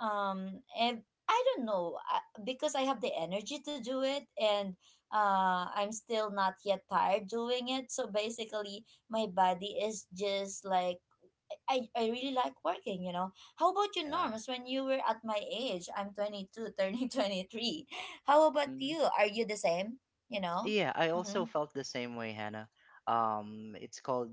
S1: um and I don't know, I- because I have the energy to do it, and uh I'm still not yet tired doing it, so basically my body is just like I, I really like working, you know. How about you,
S2: Yeah.
S1: Norms? When you were at my age, I'm twenty-two, turning twenty-three. How about
S2: Mhm.
S1: you? Are you the same? You know?
S2: Yeah, I also
S1: Mm-hmm.
S2: felt the same way, Hannah. Um, it's called,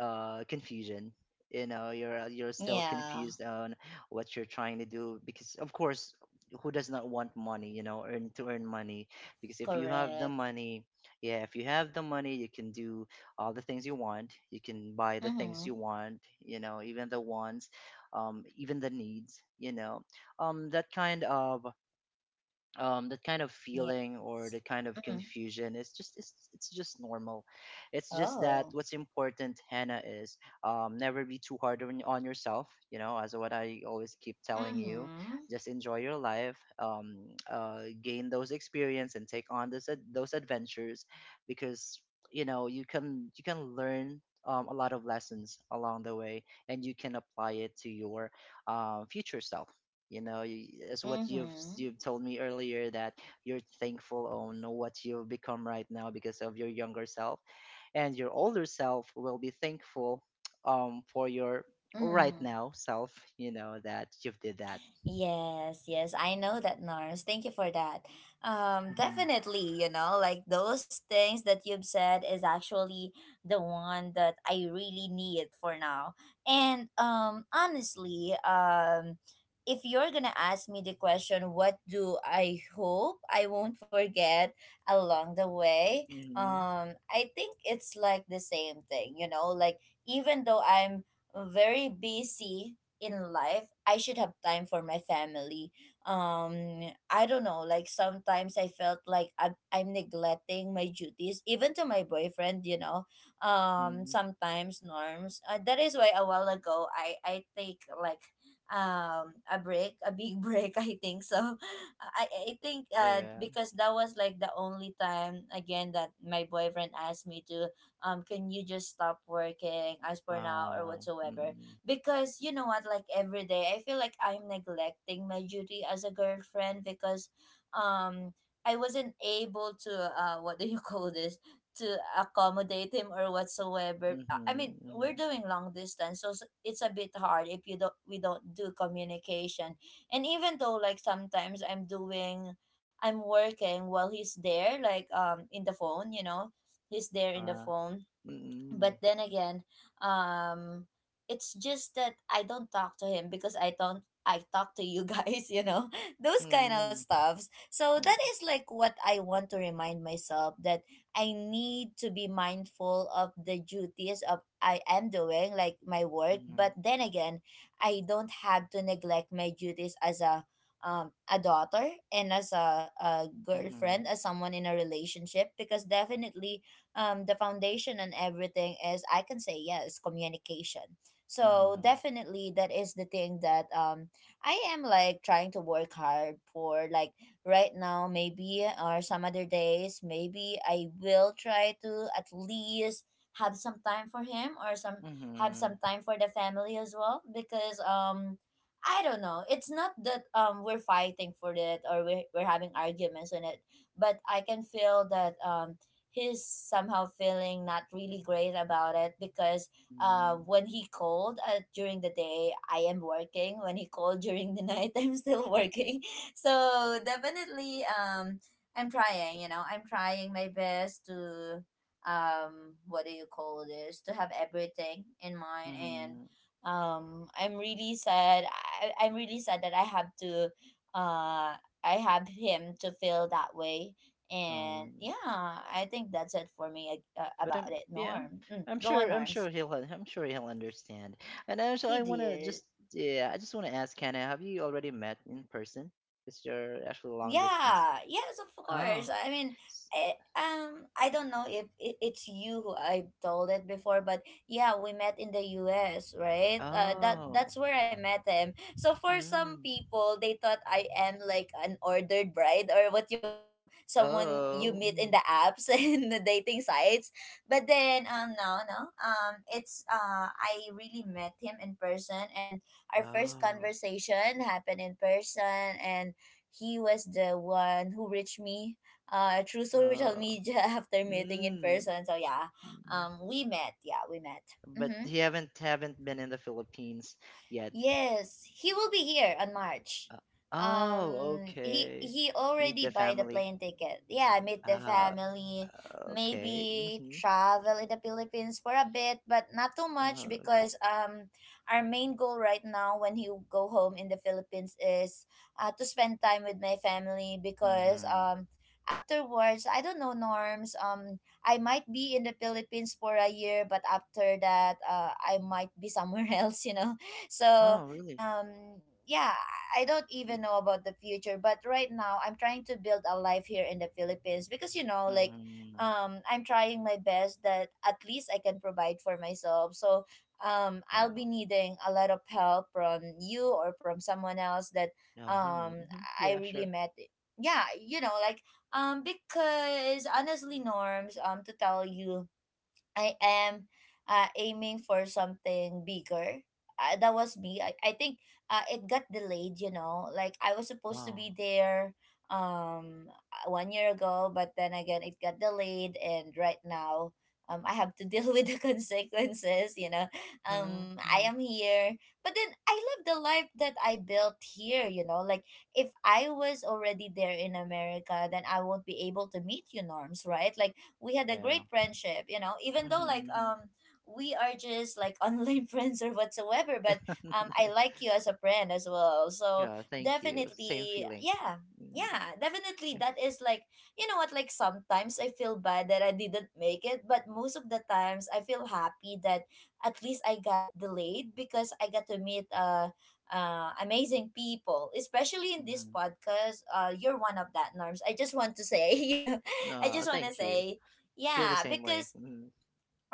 S2: uh, confusion. You know, you're you're still
S1: Yeah,
S2: confused on what you're trying to do because, of course, who does not want money? You know, earn to earn money, because if you have the
S1: correct.
S2: money, yeah, if you have the money, you can do all the things you want. You can buy the things you
S1: Mm-hmm.
S2: want. You know, even the wants, um, even the needs. You know, um, that kind of um that kind of
S1: Yes.
S2: feeling, or the kind of
S1: Mm-hmm.
S2: confusion. It's just it's, it's just normal. It's just that
S1: Oh.
S2: what's important, Hannah, is, um never be too hard on, on, yourself, you know, as what I always keep telling you.
S1: Mm-hmm.
S2: Just enjoy your life. Um uh gain those experience and take on those ad- those adventures, because, you know, you can you can learn, um, a lot of lessons along the way, and you can apply it to your, uh, future self. You know, y- it's what you've
S1: Mm-hmm.
S2: you've told me earlier, that you're thankful on what you've become right now because of your younger self, and your older self will be thankful, um for your right
S1: Mm.
S2: now self, you know, that you've did that.
S1: Yes, yes, I know that, Nars. Thank you for that. Um,
S2: Mm-hmm.
S1: definitely, you know, like those things that you've said is actually the one that I really need for now. And um, honestly, um, if you're gonna ask me the question, what do I hope I won't forget along the way?
S2: Mm-hmm.
S1: Um, I think it's like the same thing, you know, like even though I'm very busy in life, I should have time for my family. um I don't know, like sometimes I felt like i'm, I'm neglecting my duties even to my boyfriend, you know. um
S2: Mm-hmm.
S1: sometimes, Norms, uh, that is why a while ago i i take like um a break, a big break, I think so. I i think uh
S2: Yeah.
S1: because that was like the only time again that my boyfriend asked me to, um can you just stop working as for now or
S2: Uh
S1: whatsoever?
S2: mm-hmm.
S1: Because you know what, like every day I feel like I'm neglecting my duty as a girlfriend because um I wasn't able to uh what do you call this, to accommodate him or whatsoever. i I mean, we're
S2: Mm-hmm.
S1: doing long distance, so s- it's a bit hard if you don't we don't do communication. And even though like sometimes i'm doing I'm working while he's there, like um in the phone, you know, he's there in the
S2: Uh-huh.
S1: phone. But
S2: Mm-hmm.
S1: then again, um it's just that I don't talk to him because I don't I talk to you guys, you know, those
S2: Mm-hmm.
S1: kind of
S2: Mm-hmm.
S1: stuffs. So that is like what I want to remind myself, that I need to be mindful of the duties of I am doing, like my work, but
S2: Mm-hmm.
S1: then again, I don't have to neglect my duties as a um, a daughter and as a, a girlfriend, as someone in a relationship. Because definitely, um, the foundation and everything is, I can say, yes, communication. So definitely that is the thing that um I am like trying to work hard for. Like right now maybe or some other days maybe I will try to at least have some time for him or some
S2: Mm-hmm.
S1: have
S2: Mm-hmm.
S1: some time for the family as well. Because um I don't know. It's not that um we're fighting for it, or we're, we're having arguments on it, but I can feel that um he's somehow feeling not really great about it, because uh, when he called uh, during the day, I am working. When he called during the night, I'm still working. So definitely, um, I'm trying. You know, I'm trying my best to um what do you call this to have everything in mind. And
S2: Mm-hmm.
S1: um I'm really sad. I, i'm really sad that I have to uh i have him to feel that way. And
S2: Um,
S1: yeah, I think that's it for me, uh,
S2: but
S1: about
S2: I'm
S1: it,
S2: yeah,
S1: Norm. Mm,
S2: I'm
S1: go on,
S2: sure I'm
S1: Norms.
S2: sure he'll I'm sure he'll understand. And
S1: He
S2: also, I wanna
S1: did.
S2: just yeah, I just wanna ask Hannah, have you already met in person? Because you're actually long distance.
S1: Yeah, yes, of course.
S2: Oh,
S1: I mean,
S2: s-
S1: I, um, I don't know if it, it's you who I told it before, but yeah, we met in the U S, right? Uh, that
S2: oh,
S1: that's where I met him. So for some
S2: mm,
S1: people, they thought I am like an ordered bride or what you call someone you
S2: oh,
S1: meet in
S2: mm,
S1: the apps and the dating sites. But then, um, no, no, um, it's uh, I really met him in person, and our first
S2: oh,
S1: conversation happened in person, and he was the one who reached me, uh, through social
S2: oh,
S1: media after meeting in
S2: mm.
S1: person. So yeah,
S2: Mm.
S1: um, we met. Yeah, we met.
S2: But
S1: Mm-hmm.
S2: you haven't haven't been in the Philippines yet.
S1: Yes, he will be here on March.
S2: Uh, oh,
S1: Um, he
S2: okay.
S1: he
S2: Meet
S1: already
S2: the
S1: buy the
S2: family.
S1: plane ticket. Yeah, meet the
S2: Ah,
S1: family,
S2: okay.
S1: maybe
S2: Mm-hmm.
S1: travel in the Philippines for a bit, but not too much
S2: Uh,
S1: because um our main goal right now when he go home in the Philippines is uh, to spend time with my family, because
S2: Mhm.
S1: um afterwards I don't know, Norms, um I might be in the Philippines for a year, but after that uh I might be somewhere else, you know
S2: Oh,
S1: so
S2: really?
S1: um yeah, I don't
S2: Y-
S1: even know about the future, but right now I'm trying to build a life here in the Philippines because you know like
S2: Mhm.
S1: um I'm trying my best that at least I can provide for myself. So um I'll
S2: Oh.
S1: be needing a lot of help from you or from someone else that
S2: Yeah. Hmm.
S1: um
S2: Hmm.
S1: I
S2: Yeah.
S1: really
S2: Sure.
S1: met, yeah, you know like um because honestly, Norms, um to tell you, I am, uh, aiming for something bigger. Uh, that was me. I, I think uh, it got delayed, you know. Like I was supposed to
S2: Oh.
S1: be there, um uh, one year ago, but then again it got delayed. And right now, um I have to deal with the consequences, you know.
S2: Mhm.
S1: Um I
S2: Mhm.
S1: am here. But then I love the life that I built here, you know. Like if I was already there in America, then I won't be able to meet you, Norms, right? Like we had a
S2: Yeah.
S1: great friendship, you know even though like
S2: Mhm.
S1: um we are just like online friends or whatsoever. But
S2: Mhm.
S1: um I like you as a friend as well, so
S2: Yeah. Thank you. Same
S1: definitely,
S2: feeling.
S1: yeah.
S2: Mm.
S1: Yeah, definitely, that is like, you know what, like sometimes I feel bad that I didn't make it, but most of the times I feel happy that at least I got delayed because I got to meet, uh uh, amazing people, especially in this
S2: Mhm.
S1: podcast. Uh, you're one of that, Norms. I just want to say, you know, I
S2: No.
S1: just want to
S2: Thank you.
S1: say,
S2: Feel the
S1: yeah,
S2: same way.
S1: because
S2: Mhm.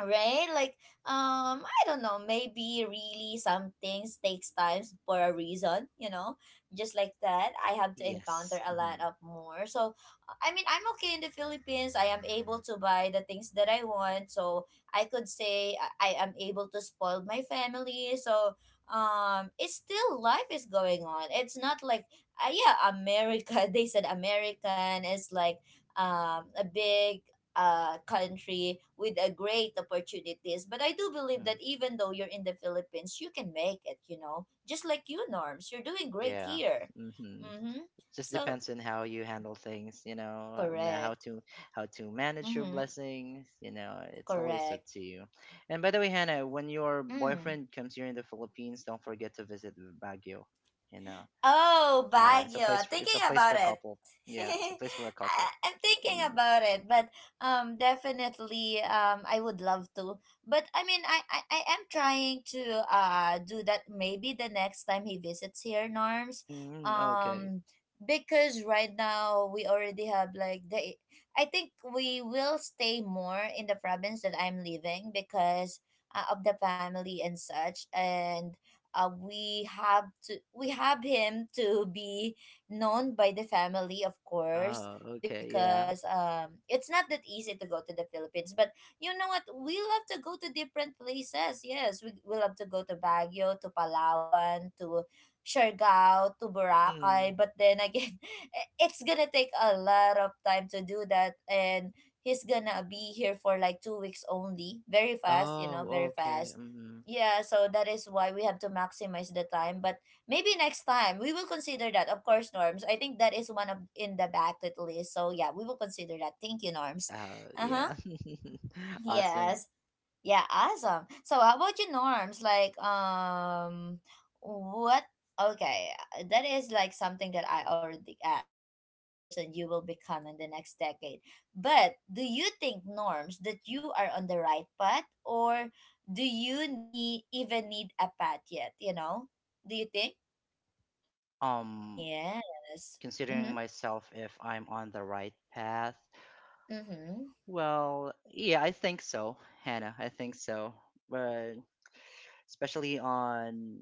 S1: right, like, um, I don't know, maybe really some things takes times for a reason, you know, just like that. I have to encounter
S2: Yes.
S1: a lot
S2: Mhm.
S1: of more. So, I mean, I'm okay in the Philippines. I am able to buy the things that I want, so I could say I I am able to spoil my family. So, um, it's still life is going on. It's not like, uh, yeah, America. They said American is like um a big, uh, country with a great opportunities. But I do believe
S2: Mhm.
S1: that even though you're in the Philippines, you can make it. You know, just like you, Norms, you're doing great
S2: Yeah.
S1: here.
S2: Mhm.
S1: Mm-hmm.
S2: Just
S1: So
S2: depends on how you handle things, you know, um, uh, how
S1: correct.
S2: to how to manage your
S1: Mm-hmm.
S2: blessings, you know. It's always up
S1: Correct.
S2: to you. And by the way, Hannah, when your
S1: Mm.
S2: boyfriend comes here in the Philippines, don't forget to visit Baguio, you know.
S1: Oh,
S2: uh, it's a place
S1: Baguio.
S2: for it's a
S1: Thinking
S2: place for
S1: about
S2: a
S1: it.
S2: couple. Yeah, it's a place for a
S1: I,
S2: couple.
S1: I'm thinking
S2: Mm,
S1: about it, but um, definitely, um, I would love to. But I mean, I, I, I am trying to uh do that maybe the next time he visits here, Norms.
S2: mm, mm, okay.
S1: Um, because right now we already have like the, I think we will stay more in the province that I'm living because, uh, of the family and such, and, uh, we have to we have him to be known by the family, of course.
S2: Oh, okay, yeah.
S1: Because um it's not that easy to go to the Philippines, but you know what, we love to go to different places. Yes, we, we love to go to Baguio, to Palawan, to Siargao, to
S2: Mm.
S1: Boracay, but then again it's gonna take a lot of time to do that. And he's gonna be here for like two weeks only. Very fast, you know
S2: Oh,
S1: very
S2: okay.
S1: fast.
S2: Mm,
S1: Yeah, so that is why we have to maximize the time. But maybe next time we will consider that. Of course, Norms. I think that is one of in the bucket list. So yeah, we will consider that. Thank you, Norms.
S2: uh,
S1: Uh huh.
S2: yeah. Awesome.
S1: Yes. Yeah, awesome. So how about you, Norms? Like, um, what? Okay, uh, that is like something that I already asked. What kind of person you will become in the next decade? But do you think, Norms, that you are on the right path, or do you need even need a path yet? You know? Do you think?
S2: um
S1: Yes.
S2: Considering
S1: Mhm.
S2: myself if I'm on the right path?
S1: Mhm.
S2: Well, yeah, I think so, Hannah. I think so. But especially on,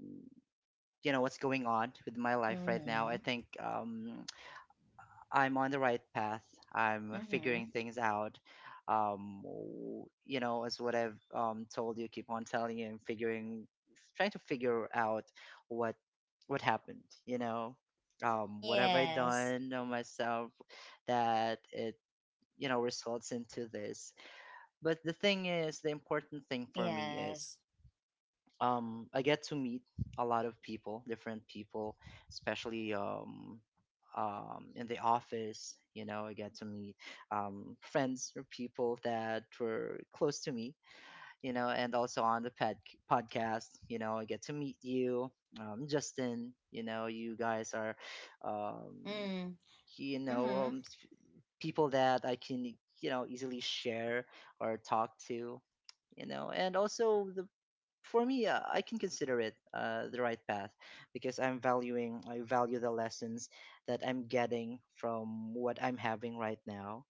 S2: you know, what's going on with my life right now, I
S1: Mhm.
S2: think, um, I'm on the right path. I'm figuring
S1: Mhm.
S2: things out. Um, w- you know, as what I've, um, told you, keep on telling you, and figuring, trying to figure out what what happened. You know, um, what have I
S1: Yes.
S2: done on myself that it, you know, results into this? But the thing is, the important thing for me
S1: Yes.
S2: is, um I get to meet a lot of people, different people, especially, um um in the office. You know, I get to meet, um friends or people that were close to me, you know, and also on the pad- podcast, you know, I get to meet you, um Justin. You know, you guys are, um
S1: Mm.
S2: you know, um,
S1: Mhm.
S2: s- people that I can, you know, easily share or talk to, you know. And also the for me, uh, I can consider it, uh, the right path, because I'm valuing I value the lessons that I'm getting from what I'm having right now.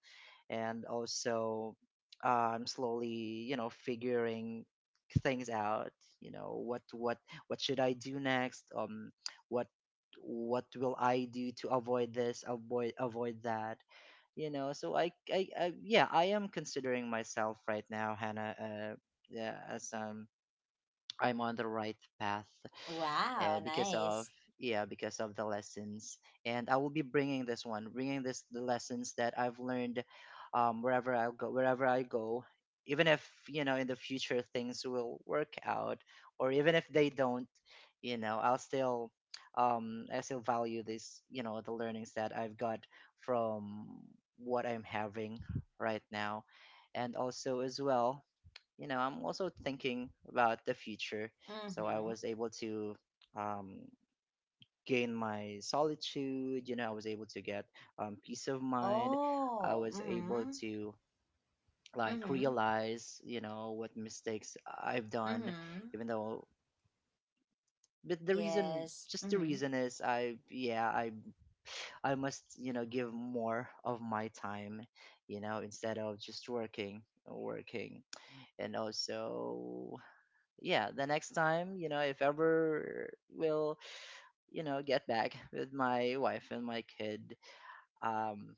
S2: And also, um, slowly, you know, figuring things out. You know, what what what should I do next, um what what will I do to avoid this, avoid avoid that, you know. So, I I, I yeah I am considering myself right now, Hannah, uh yeah, as, um I'm on the right path, uh,
S1: Wow,
S2: because of
S1: nice.
S2: yeah because of the lessons. And I will be bringing this one bringing this the lessons that I've learned, um, wherever I go, wherever I go, even if, you know, in the future things will work out, or even if they don't, you know, i'll still um i still value this, you know, the learnings that I've got from what I'm having right now. And also, as well, you know, I'm also thinking about the future. So I
S1: Mm-hmm.
S2: was able to, um, gain my solitude. You know, I was able to get, um, peace of mind. I
S1: Oh,
S2: was able
S1: mm-hmm.
S2: to, like,
S1: Mm-hmm.
S2: realize, you know, what mistakes I've done,
S1: Mm-hmm.
S2: even though. But the reason,
S1: Yes.
S2: just the
S1: Mm-hmm.
S2: reason is, I yeah, I I must you know give more of my time, you know, instead of just working, working, and also yeah the next time you know if ever we'll you know get back with my wife and my kid um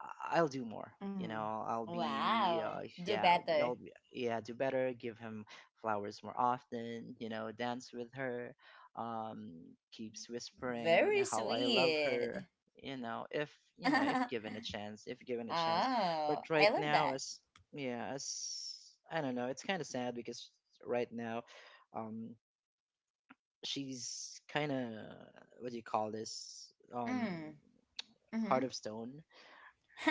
S2: I- i'll do more you
S1: Mm-hmm.
S2: know I'll be
S1: Wow.
S2: uh,
S1: Do
S2: yeah I'll, be-
S1: better.
S2: I'll be, yeah do better, give him flowers more often, you know dance with her. um Keeps whispering
S1: Very
S2: how I love
S1: sweet.
S2: her, you know if you know,
S1: Oh,
S2: if given a chance, if given a chance. But
S1: I
S2: right
S1: love
S2: now,
S1: that.
S2: as yeah as I don't know, it's kind of sad because right now um she's kind of, what do you call this? Um,
S1: Mm. Mm-hmm.
S2: heart of stone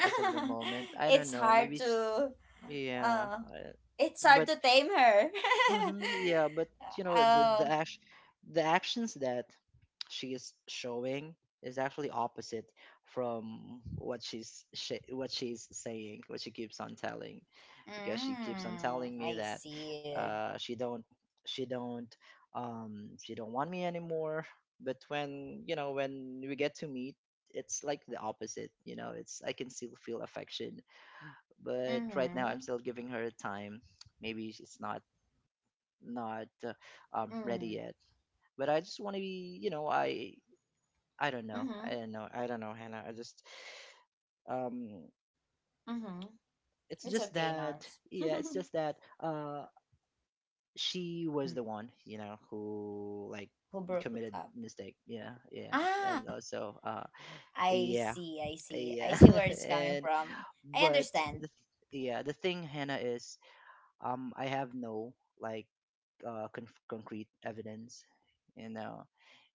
S2: as of the moment. I don't
S1: it's
S2: know.
S1: hard
S2: Maybe she,
S1: to
S2: yeah.
S1: uh
S2: I,
S1: it's hard
S2: But
S1: to tame her.
S2: hmm yeah, but you know the the
S1: Oh.
S2: act the actions that she is showing is actually opposite from what she's she, what she's saying, what she keeps on telling, because she keeps on
S1: Mm,
S2: telling me
S1: I
S2: that
S1: see.
S2: uh, she don't she don't um, she don't want me anymore. But when you know when we get to meet, it's like the opposite. You know, it's I can still feel affection, but right now I'm
S1: Mm-hmm.
S2: still giving her time. Maybe it's not not uh, um ready
S1: Mm.
S2: yet. But I just want to be, you know, I I don't know, I
S1: Mm-hmm.
S2: don't know, I don't know, Hannah. I just um,
S1: Mm-hmm.
S2: it's
S1: It's
S2: just
S1: okay,
S2: that
S1: Nars.
S2: yeah, it's just that uh, she was
S1: Mm.
S2: the one, you know, who like
S1: Who broke
S2: committed
S1: up?
S2: mistake. Yeah, yeah, and
S1: Ah,
S2: also uh,
S1: I
S2: yeah,
S1: see, I see. I
S2: yeah,
S1: see where it's coming
S2: and
S1: from. I
S2: but the
S1: understand.
S2: th- yeah, the thing, Hannah, is um, I have no like uh conf- concrete evidence. You know,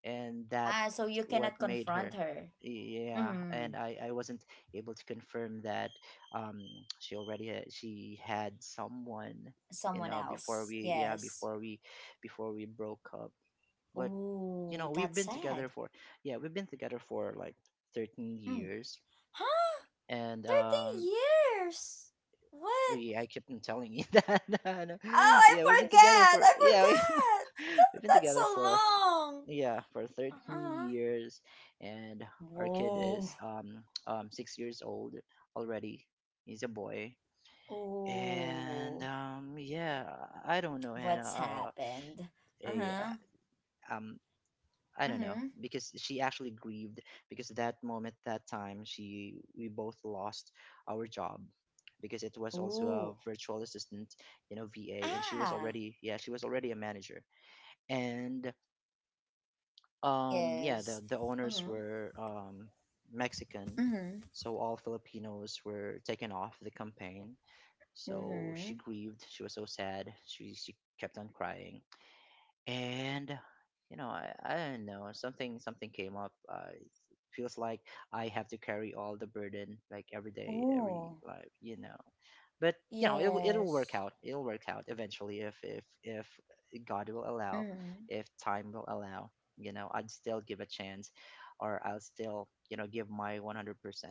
S2: and that
S1: Ah, so you
S2: what
S1: cannot
S2: made
S1: confront
S2: her
S1: her.
S2: yeah,
S1: Mm.
S2: and i i wasn't able to confirm that um she already had, she had someone, you
S1: Someone
S2: know before
S1: else.
S2: we yeah
S1: Yes.
S2: before we, before we broke up. But you
S1: Ooh,
S2: know we've
S1: that's
S2: been together
S1: sad.
S2: for, yeah, we've been together for like thirteen
S1: Mm.
S2: years.
S1: Huh?
S2: And um
S1: thirteen years? What?
S2: we I kept on telling you that
S1: Oh,
S2: yeah we've
S1: I
S2: been together
S1: forgot!
S2: for,
S1: I
S2: yeah we,
S1: forgot!
S2: we've been
S1: That's
S2: together
S1: so
S2: for
S1: long!
S2: yeah, for thirteen
S1: Uh-huh.
S2: years. And our kid
S1: Whoa.
S2: is um um six years old already. He's a boy. And
S1: Oh.
S2: um yeah, i I don't know, Hannah.
S1: What's
S2: Uh
S1: happened? Uh
S2: a
S1: huh.
S2: uh, um I don't know
S1: Mm
S2: because she actually grieved because that moment, that time, she we both lost our job because it was
S1: hmm.
S2: also a
S1: Ooh.
S2: virtual assistant, you know, VA. And she was
S1: Ah.
S2: already, yeah, she was already a manager. And Um, yeah,
S1: Yes.
S2: the the owners
S1: Mm
S2: were um,
S1: hmm.
S2: Mexican,
S1: Mm
S2: so all Filipinos were taken off the campaign.
S1: hmm. Mm
S2: So
S1: hmm.
S2: she grieved. She was so sad. She she kept on crying. And you know, I, I don't know, something something came up, uh, it feels like I have to carry all the burden, like every day, every
S1: Ooh.
S2: life, you know. But you know it, will- it'll work
S1: Yes.
S2: out, it'll work out eventually, if if if God will allow,
S1: Mm hmm.
S2: if time will allow. You know, I'd still give a chance, or I'll still, you know, give my one hundred percent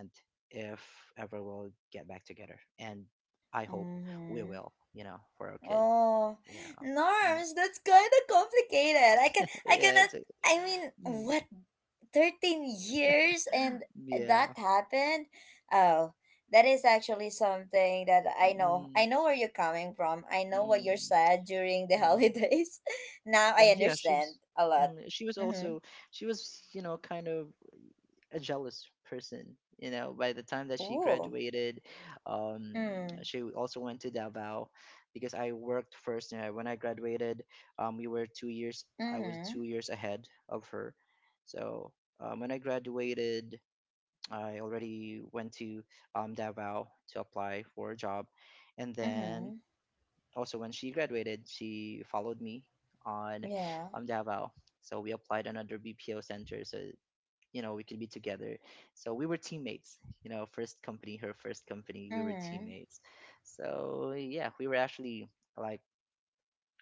S2: if ever we'll get back together. And I hope
S1: Mm
S2: we
S1: hmm.
S2: will, you know, for our kid.
S1: Oh,
S2: Yeah. Mm.
S1: Norms. That's kind of complicated. I can, I
S2: Yeah,
S1: cannot.
S2: it's a,
S1: I mean,
S2: mm,
S1: what? Thirteen years, and that
S2: yeah.
S1: happened. Oh, that is actually something that I know.
S2: Mm,
S1: I know where you're coming from. I know what you're
S2: mm,
S1: sad during the
S2: mm.
S1: holidays. Now I
S2: And yeah, she
S1: understand
S2: was,
S1: a lot.
S2: mm, she was
S1: Mhm.
S2: also, she was, you know, kind of a jealous person. You know, by the time that she
S1: Ooh.
S2: graduated, um,
S1: Mm.
S2: she also went to Davao because I worked first. You know, when I graduated, um, we were two years. I was
S1: Mhm.
S2: two years ahead of her. So um, when I graduated, I already went to um, Davao to apply for a job. And then
S1: Mhm.
S2: also when she graduated, she followed me on
S1: Yeah.
S2: um, Davao. So we applied another B P O center so you know we could be together. So we were teammates, you know, first company, her first company, we were
S1: Mhm.
S2: teammates. So yeah, we were actually like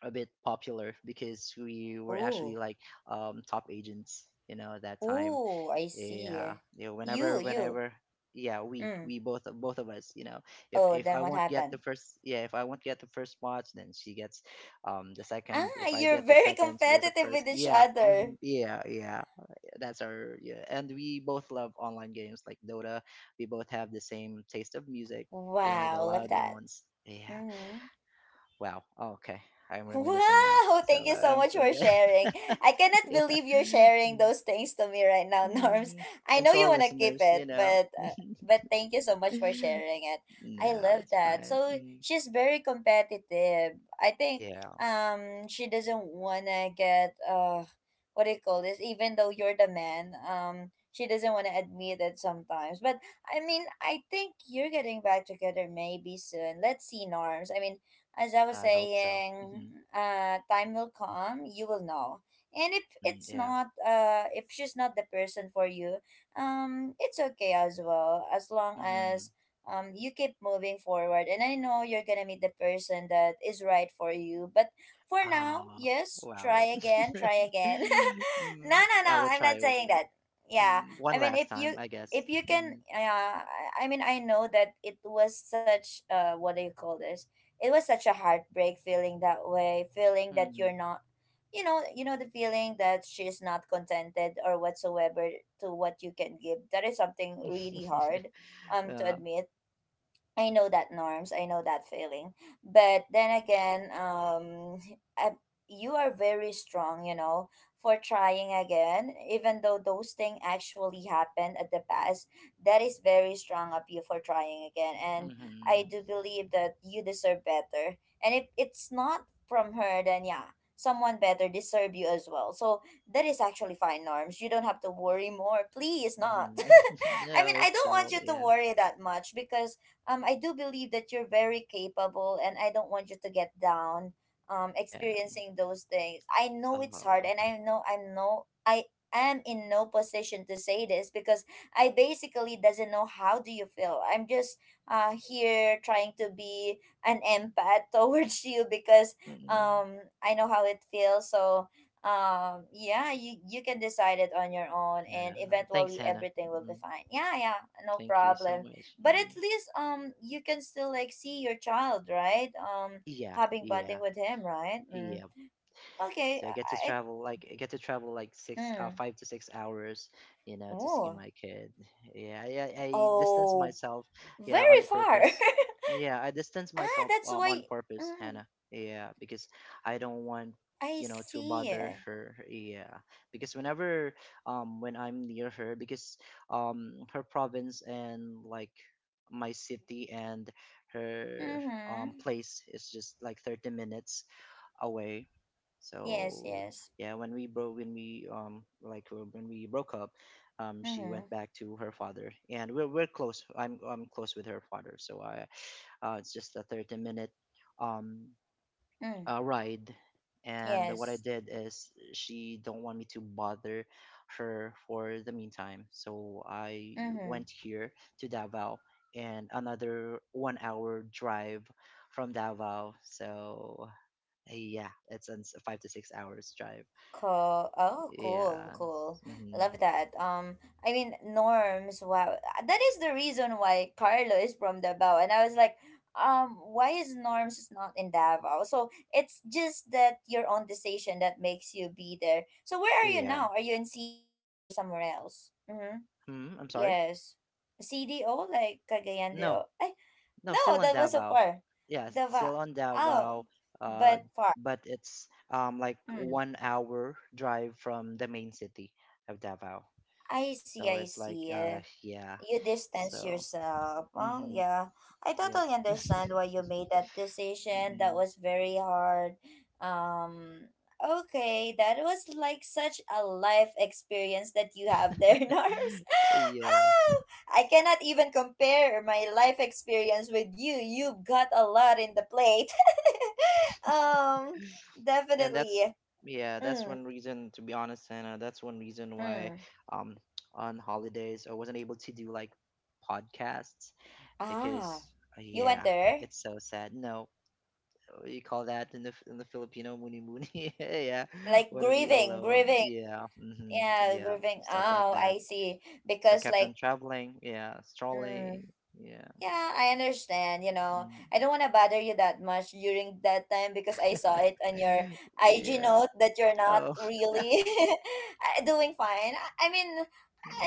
S2: a bit popular because we were actually
S1: Ooh.
S2: like um, top agents, you know, at that time.
S1: Ooh. I
S2: Yeah,
S1: see.
S2: you know,
S1: You.
S2: whenever
S1: You.
S2: whenever, yeah, we
S1: Mm.
S2: we both, both of us, you know, if
S1: Oh,
S2: if
S1: then
S2: i
S1: what
S2: won't get
S1: happened?
S2: the first yeah if I won't get the first watch, then she gets um the second.
S1: Ah,
S2: If I
S1: you're
S2: get the
S1: very
S2: second, she gets the
S1: competitive with
S2: first.
S1: each
S2: Yeah,
S1: other.
S2: mhm, yeah, yeah, that's our, yeah. And we both love online games like Dota. We both have the same taste of music, you know, the
S1: Wow, love
S2: loud
S1: that.
S2: ones. Yeah,
S1: Mm-hmm.
S2: wow, okay, I'm reminiscing now.
S1: Wow,
S2: So
S1: thank you
S2: uh,
S1: so
S2: i'm,
S1: much
S2: I'm
S1: for sharing.
S2: good.
S1: I cannot believe
S2: Yeah.
S1: you're sharing
S2: Mm.
S1: those things to me right now, Norms.
S2: Mm.
S1: I
S2: And
S1: know
S2: to
S1: you
S2: our
S1: want to keep
S2: listeners, you
S1: it,
S2: know.
S1: but
S2: No,
S1: uh, but thank you so much for
S2: it's
S1: sharing it. I love that.
S2: fine.
S1: So
S2: Mm.
S1: she's very competitive. I think
S2: Yeah,
S1: um she doesn't want to get, uh what do you call this? Even though you're the man, um she doesn't want to admit it sometimes. But I mean, I think you're getting back together maybe soon. Let's see, Norms. I mean, as I was
S2: I hope so.
S1: saying,
S2: Hmm.
S1: uh, time will come, you will know. And if
S2: Mm,
S1: it's
S2: yeah.
S1: not, uh, if she's not the person for you, um, it's okay as well, as long
S2: Mm-hmm.
S1: as um you keep moving forward. And I know you're gonna meet the person that is right for you. But for now,
S2: Ah,
S1: yes, try
S2: wow.
S1: again, try again. No,
S2: Mm,
S1: no, no,
S2: I will
S1: I'm
S2: try
S1: not saying
S2: w-
S1: that. Yeah,
S2: mm, one
S1: I mean,
S2: last
S1: if
S2: time,
S1: you,
S2: I guess.
S1: if you can,
S2: Mm-hmm.
S1: uh, I I mean, I know that it was such, uh, what do you call this? It was such a heartbreak feeling that way, feeling that you're not, you know, you know the feeling that she's not contented or whatsoever to what you can give. That is something really
S2: Mm-hmm.
S1: hard, um to
S2: Uh,
S1: admit. I know that, Norms, I know that feeling. But then again, um I, you are very strong, you know, for trying again, even though those things actually happened at the past. That is very strong of you for trying again. And
S2: mm-hmm.
S1: I do believe that you deserve better. And if it's not from her, then yeah, someone better deserve you as well. So that is actually fine, Norms. You don't have to worry more. Please not.
S2: Mm-hmm.
S1: I
S2: I
S1: mean, I
S2: hope
S1: don't want
S2: so.
S1: you to
S2: Yeah.
S1: worry that much because, um, I do believe that you're very capable, and I don't want you to get down, um,
S2: Yeah.
S1: experiencing those things. I know it's hard,
S2: Uh,
S1: and I know I'm no, I am in no position to say this because I basically doesn't know how do you feel. I'm just, uh here trying to be an empath towards you because
S2: mm-mm.
S1: um I know how it feels. So um yeah, you you can decide it on your own, and
S2: Yeah. Thanks,
S1: eventually
S2: Hannah.
S1: everything will be
S2: Mm.
S1: fine. Yeah, yeah. No
S2: Thank you so
S1: problem.
S2: much.
S1: But at
S2: Mm.
S1: least um you can still like see your child, right? Um
S2: Yeah,
S1: having bonding
S2: yeah,
S1: with him, right? Mm.
S2: yeah.
S1: Okay.
S2: So I get to
S1: i
S2: travel like, I get to travel like
S1: I-
S2: six, uh,
S1: mm.
S2: five to six hours, you know, to see
S1: Oh.
S2: my kid. Yeah, I, I I distance
S1: Oh.
S2: myself, yeah,
S1: Very
S2: on
S1: far.
S2: purpose. Yeah, I distance
S1: Ah,
S2: myself,
S1: that's
S2: um,
S1: why.
S2: on purpose,
S1: Mm,
S2: Hannah. Yeah, because I don't want,
S1: I
S2: you know, to
S1: see.
S2: bother her. Yeah, because whenever, um when I'm near her, because um her province and like my city and her
S1: Mm-hmm.
S2: um place is just like thirty minutes away.
S1: Yes,
S2: So
S1: yes.
S2: yeah, when we broke, when we, um like uh, when we broke up, um she
S1: Mm-hmm.
S2: went back to her father, and we're we're close. I'm I'm close with her father, so I, uh it's just a thirty minute um
S1: Mm,
S2: uh, ride. And what I
S1: yes.
S2: did is she don't want me to bother her for the meantime, so I
S1: Mm-hmm.
S2: went here to Davao. And another one hour drive from Davao. So, eh, yeah, it's a five to six hours drive.
S1: Cool. Oh, cool,
S2: Yeah.
S1: cool.
S2: Hmm.
S1: Love that. Um, I mean, Norms. Wow, that is the reason why Carlo is from Davao, and I was like, um, why is norms is not in Davao? So it's just that your own decision that makes you be there. So where are you
S2: Yeah.
S1: now? Are you in C D O or somewhere else? Mm-hmm.
S2: Hmm. I'm sorry.
S1: Yes, C D O like Cagayan de
S2: No,
S1: O. Eh,
S2: no,
S1: no,
S2: still on
S1: that was so
S2: Davao.
S1: far.
S2: Yeah,
S1: Davao.
S2: still on
S1: Oh,
S2: Davao. Uh,
S1: but far.
S2: but it's um like
S1: Hmm.
S2: one hour drive from the main city of Davao.
S1: I see.
S2: So
S1: I
S2: it's like,
S1: see.
S2: uh, yeah.
S1: You distance
S2: So,
S1: yourself. Oh,
S2: mm-hmm.
S1: yeah. I
S2: Yep.
S1: totally understand why you made that decision. That
S2: Mm.
S1: was very hard. Um, okay, that was like such a life experience that you have there, Nars.
S2: Yeah.
S1: Oh, I cannot even compare my life experience with you. You've got a lot in the plate. um,
S2: And that's,
S1: definitely.
S2: yeah, that's
S1: Mm,
S2: one reason, to be honest, Anna. That's one reason why
S1: mm.
S2: um on holidays I wasn't able to do like podcasts
S1: Ah,
S2: because, uh,
S1: you went
S2: yeah,
S1: there?
S2: it's so sad, no, uh, you call that in the, in the Filipino, muni muni. Yeah,
S1: Like
S2: wanna be
S1: grieving,
S2: alone.
S1: grieving.
S2: Yeah. Hmm.
S1: Yeah,
S2: Yeah.
S1: grooving.
S2: Stuff like
S1: Oh,
S2: that.
S1: I see.
S2: So I
S1: Because
S2: kept
S1: like,
S2: on traveling, yeah,
S1: mm,
S2: strolling. Yeah.
S1: yeah, I understand, you know.
S2: Mm.
S1: I don't want to bother you that much during that time because I saw it on your I G
S2: Yeah.
S1: note that you're not
S2: Oh.
S1: really uh, doing fine. I I mean,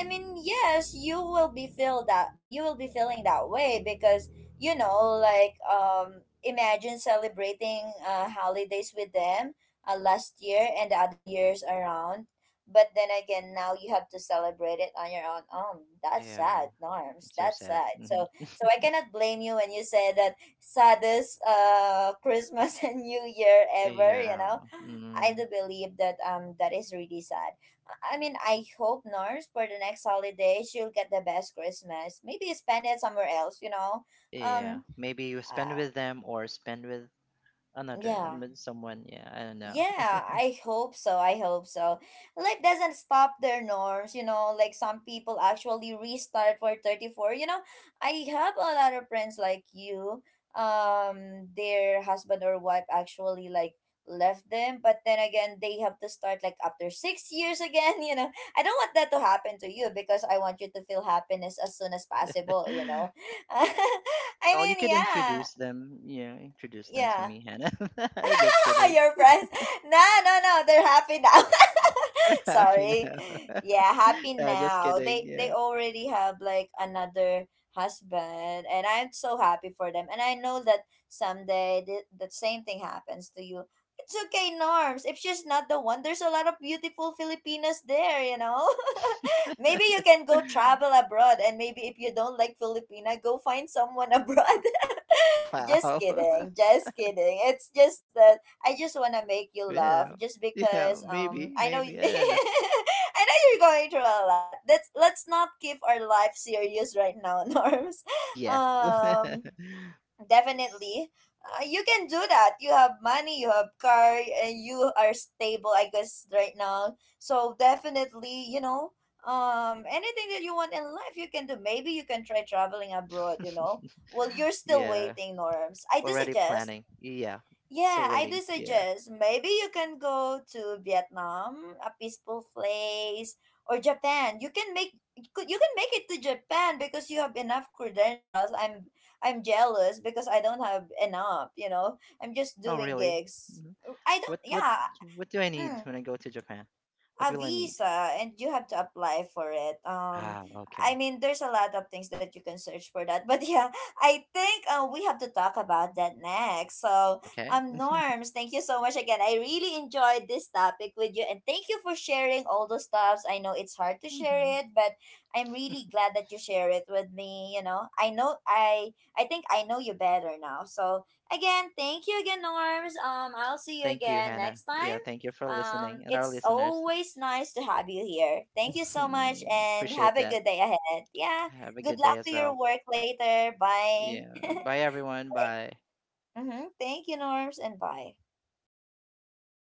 S1: I mean, yes, you will be feel that you will be feeling that way because you know, like um, imagine celebrating uh, holidays with them uh, last year and the other years around. But then again, now you have to celebrate it on your own. Um, that's
S2: yeah.
S1: sad, Norms.
S2: So
S1: That's
S2: sad.
S1: sad. So,
S2: Hmm.
S1: so I cannot blame you when you say that saddest uh Christmas and New Year ever. You
S2: Yeah.
S1: know, I
S2: Mm.
S1: do believe that um that is really sad. I mean, I hope Norms for the next holiday she'll get the best Christmas. Maybe spend it somewhere else, you know.
S2: Yeah,
S1: Um.
S2: maybe you spend
S1: Uh,
S2: with them or spend with another, I
S1: yeah.
S2: mean, someone. Yeah, I don't know.
S1: Yeah, I hope so. I hope so. Life doesn't stop their norms, you know, like some people actually restart for thirty-four. You know, I have a lot of friends like you. Um, their husband or wife actually like left them, but then again, they have to start like after six years again, you know. I don't want that to happen to you because I want you to feel happiness as soon as possible, you know. I
S2: Well, you
S1: mean,
S2: could
S1: yeah.
S2: introduce them. Yeah, introduce them to
S1: Yeah.
S2: me, Hannah. Just kidding.
S1: Your friends. No, no, no. They're happy now.
S2: We're happy
S1: Sorry.
S2: now?
S1: Yeah, happy
S2: Uh, just
S1: now.
S2: kidding.
S1: They they
S2: Yeah.
S1: already have like another husband, and I'm so happy for them. And I know that someday the, the same thing happens to you. It's okay, Norms. If she's not the one, there's a lot of beautiful Filipinas there, you know? Maybe you can go travel abroad, and maybe if you don't like Filipina, go find someone abroad. Just
S2: Wow.
S1: kidding, just kidding. It's just the I just want to make you laugh
S2: Yeah.
S1: just
S2: Yeah,
S1: because um
S2: maybe,
S1: I know y-
S2: maybe. I don't know.
S1: I know you're going through a lot. Let's let's not keep our life serious right now, Norms.
S2: Yeah.
S1: Um definitely. Uh, you can do that. You have money, you have car, and you are stable I guess right now. So definitely, you know, um anything that you want in life you can do. Maybe you can try traveling abroad, you know. Well, you're still
S2: Yeah.
S1: waiting, Norms. I do
S2: Already
S1: suggest
S2: planning. Yeah.
S1: yeah,
S2: Still
S1: I
S2: waiting.
S1: do
S2: Yeah.
S1: suggest maybe you can go to Vietnam, a peaceful place, or Japan. You can make you could- you can make it to Japan because you have enough credentials. I'm I'm jealous because I don't have enough, you know. I'm just
S2: Oh,
S1: doing
S2: really?
S1: gigs.
S2: Mhm.
S1: I don't
S2: What what
S1: yeah.
S2: what do I need
S1: mm,
S2: when I go to Japan? What
S1: a
S2: will I need?
S1: visa and you have to apply for it. um
S2: Ah,
S1: I
S2: okay.
S1: mean, there's a lot of things that you can search for that, but yeah, I think uh, we have to talk about that next. So
S2: Okay.
S1: um Norms, thank you so much again. I really enjoyed this topic with you, and thank you for sharing all those stuffs. I know it's hard to share
S2: Mhm.
S1: it, but I'm really glad that you share it with me, you know. I know i i think I know you better now. So again, thank you again, Norms. um I'll see you
S2: Thank you,
S1: again
S2: Hannah.
S1: next
S2: Yeah,
S1: time.
S2: thank you for
S1: Um,
S2: listening and our
S1: it's
S2: listeners.
S1: always nice to have you here. Thank you so much and
S2: Appreciate
S1: have a
S2: that.
S1: good day ahead. Yeah.
S2: Have a
S1: Good
S2: good
S1: luck
S2: day as
S1: to
S2: well.
S1: your work later. Bye.
S2: Yeah. Bye everyone. Bye.
S1: Mm-hmm. Thank you, Norms, and bye.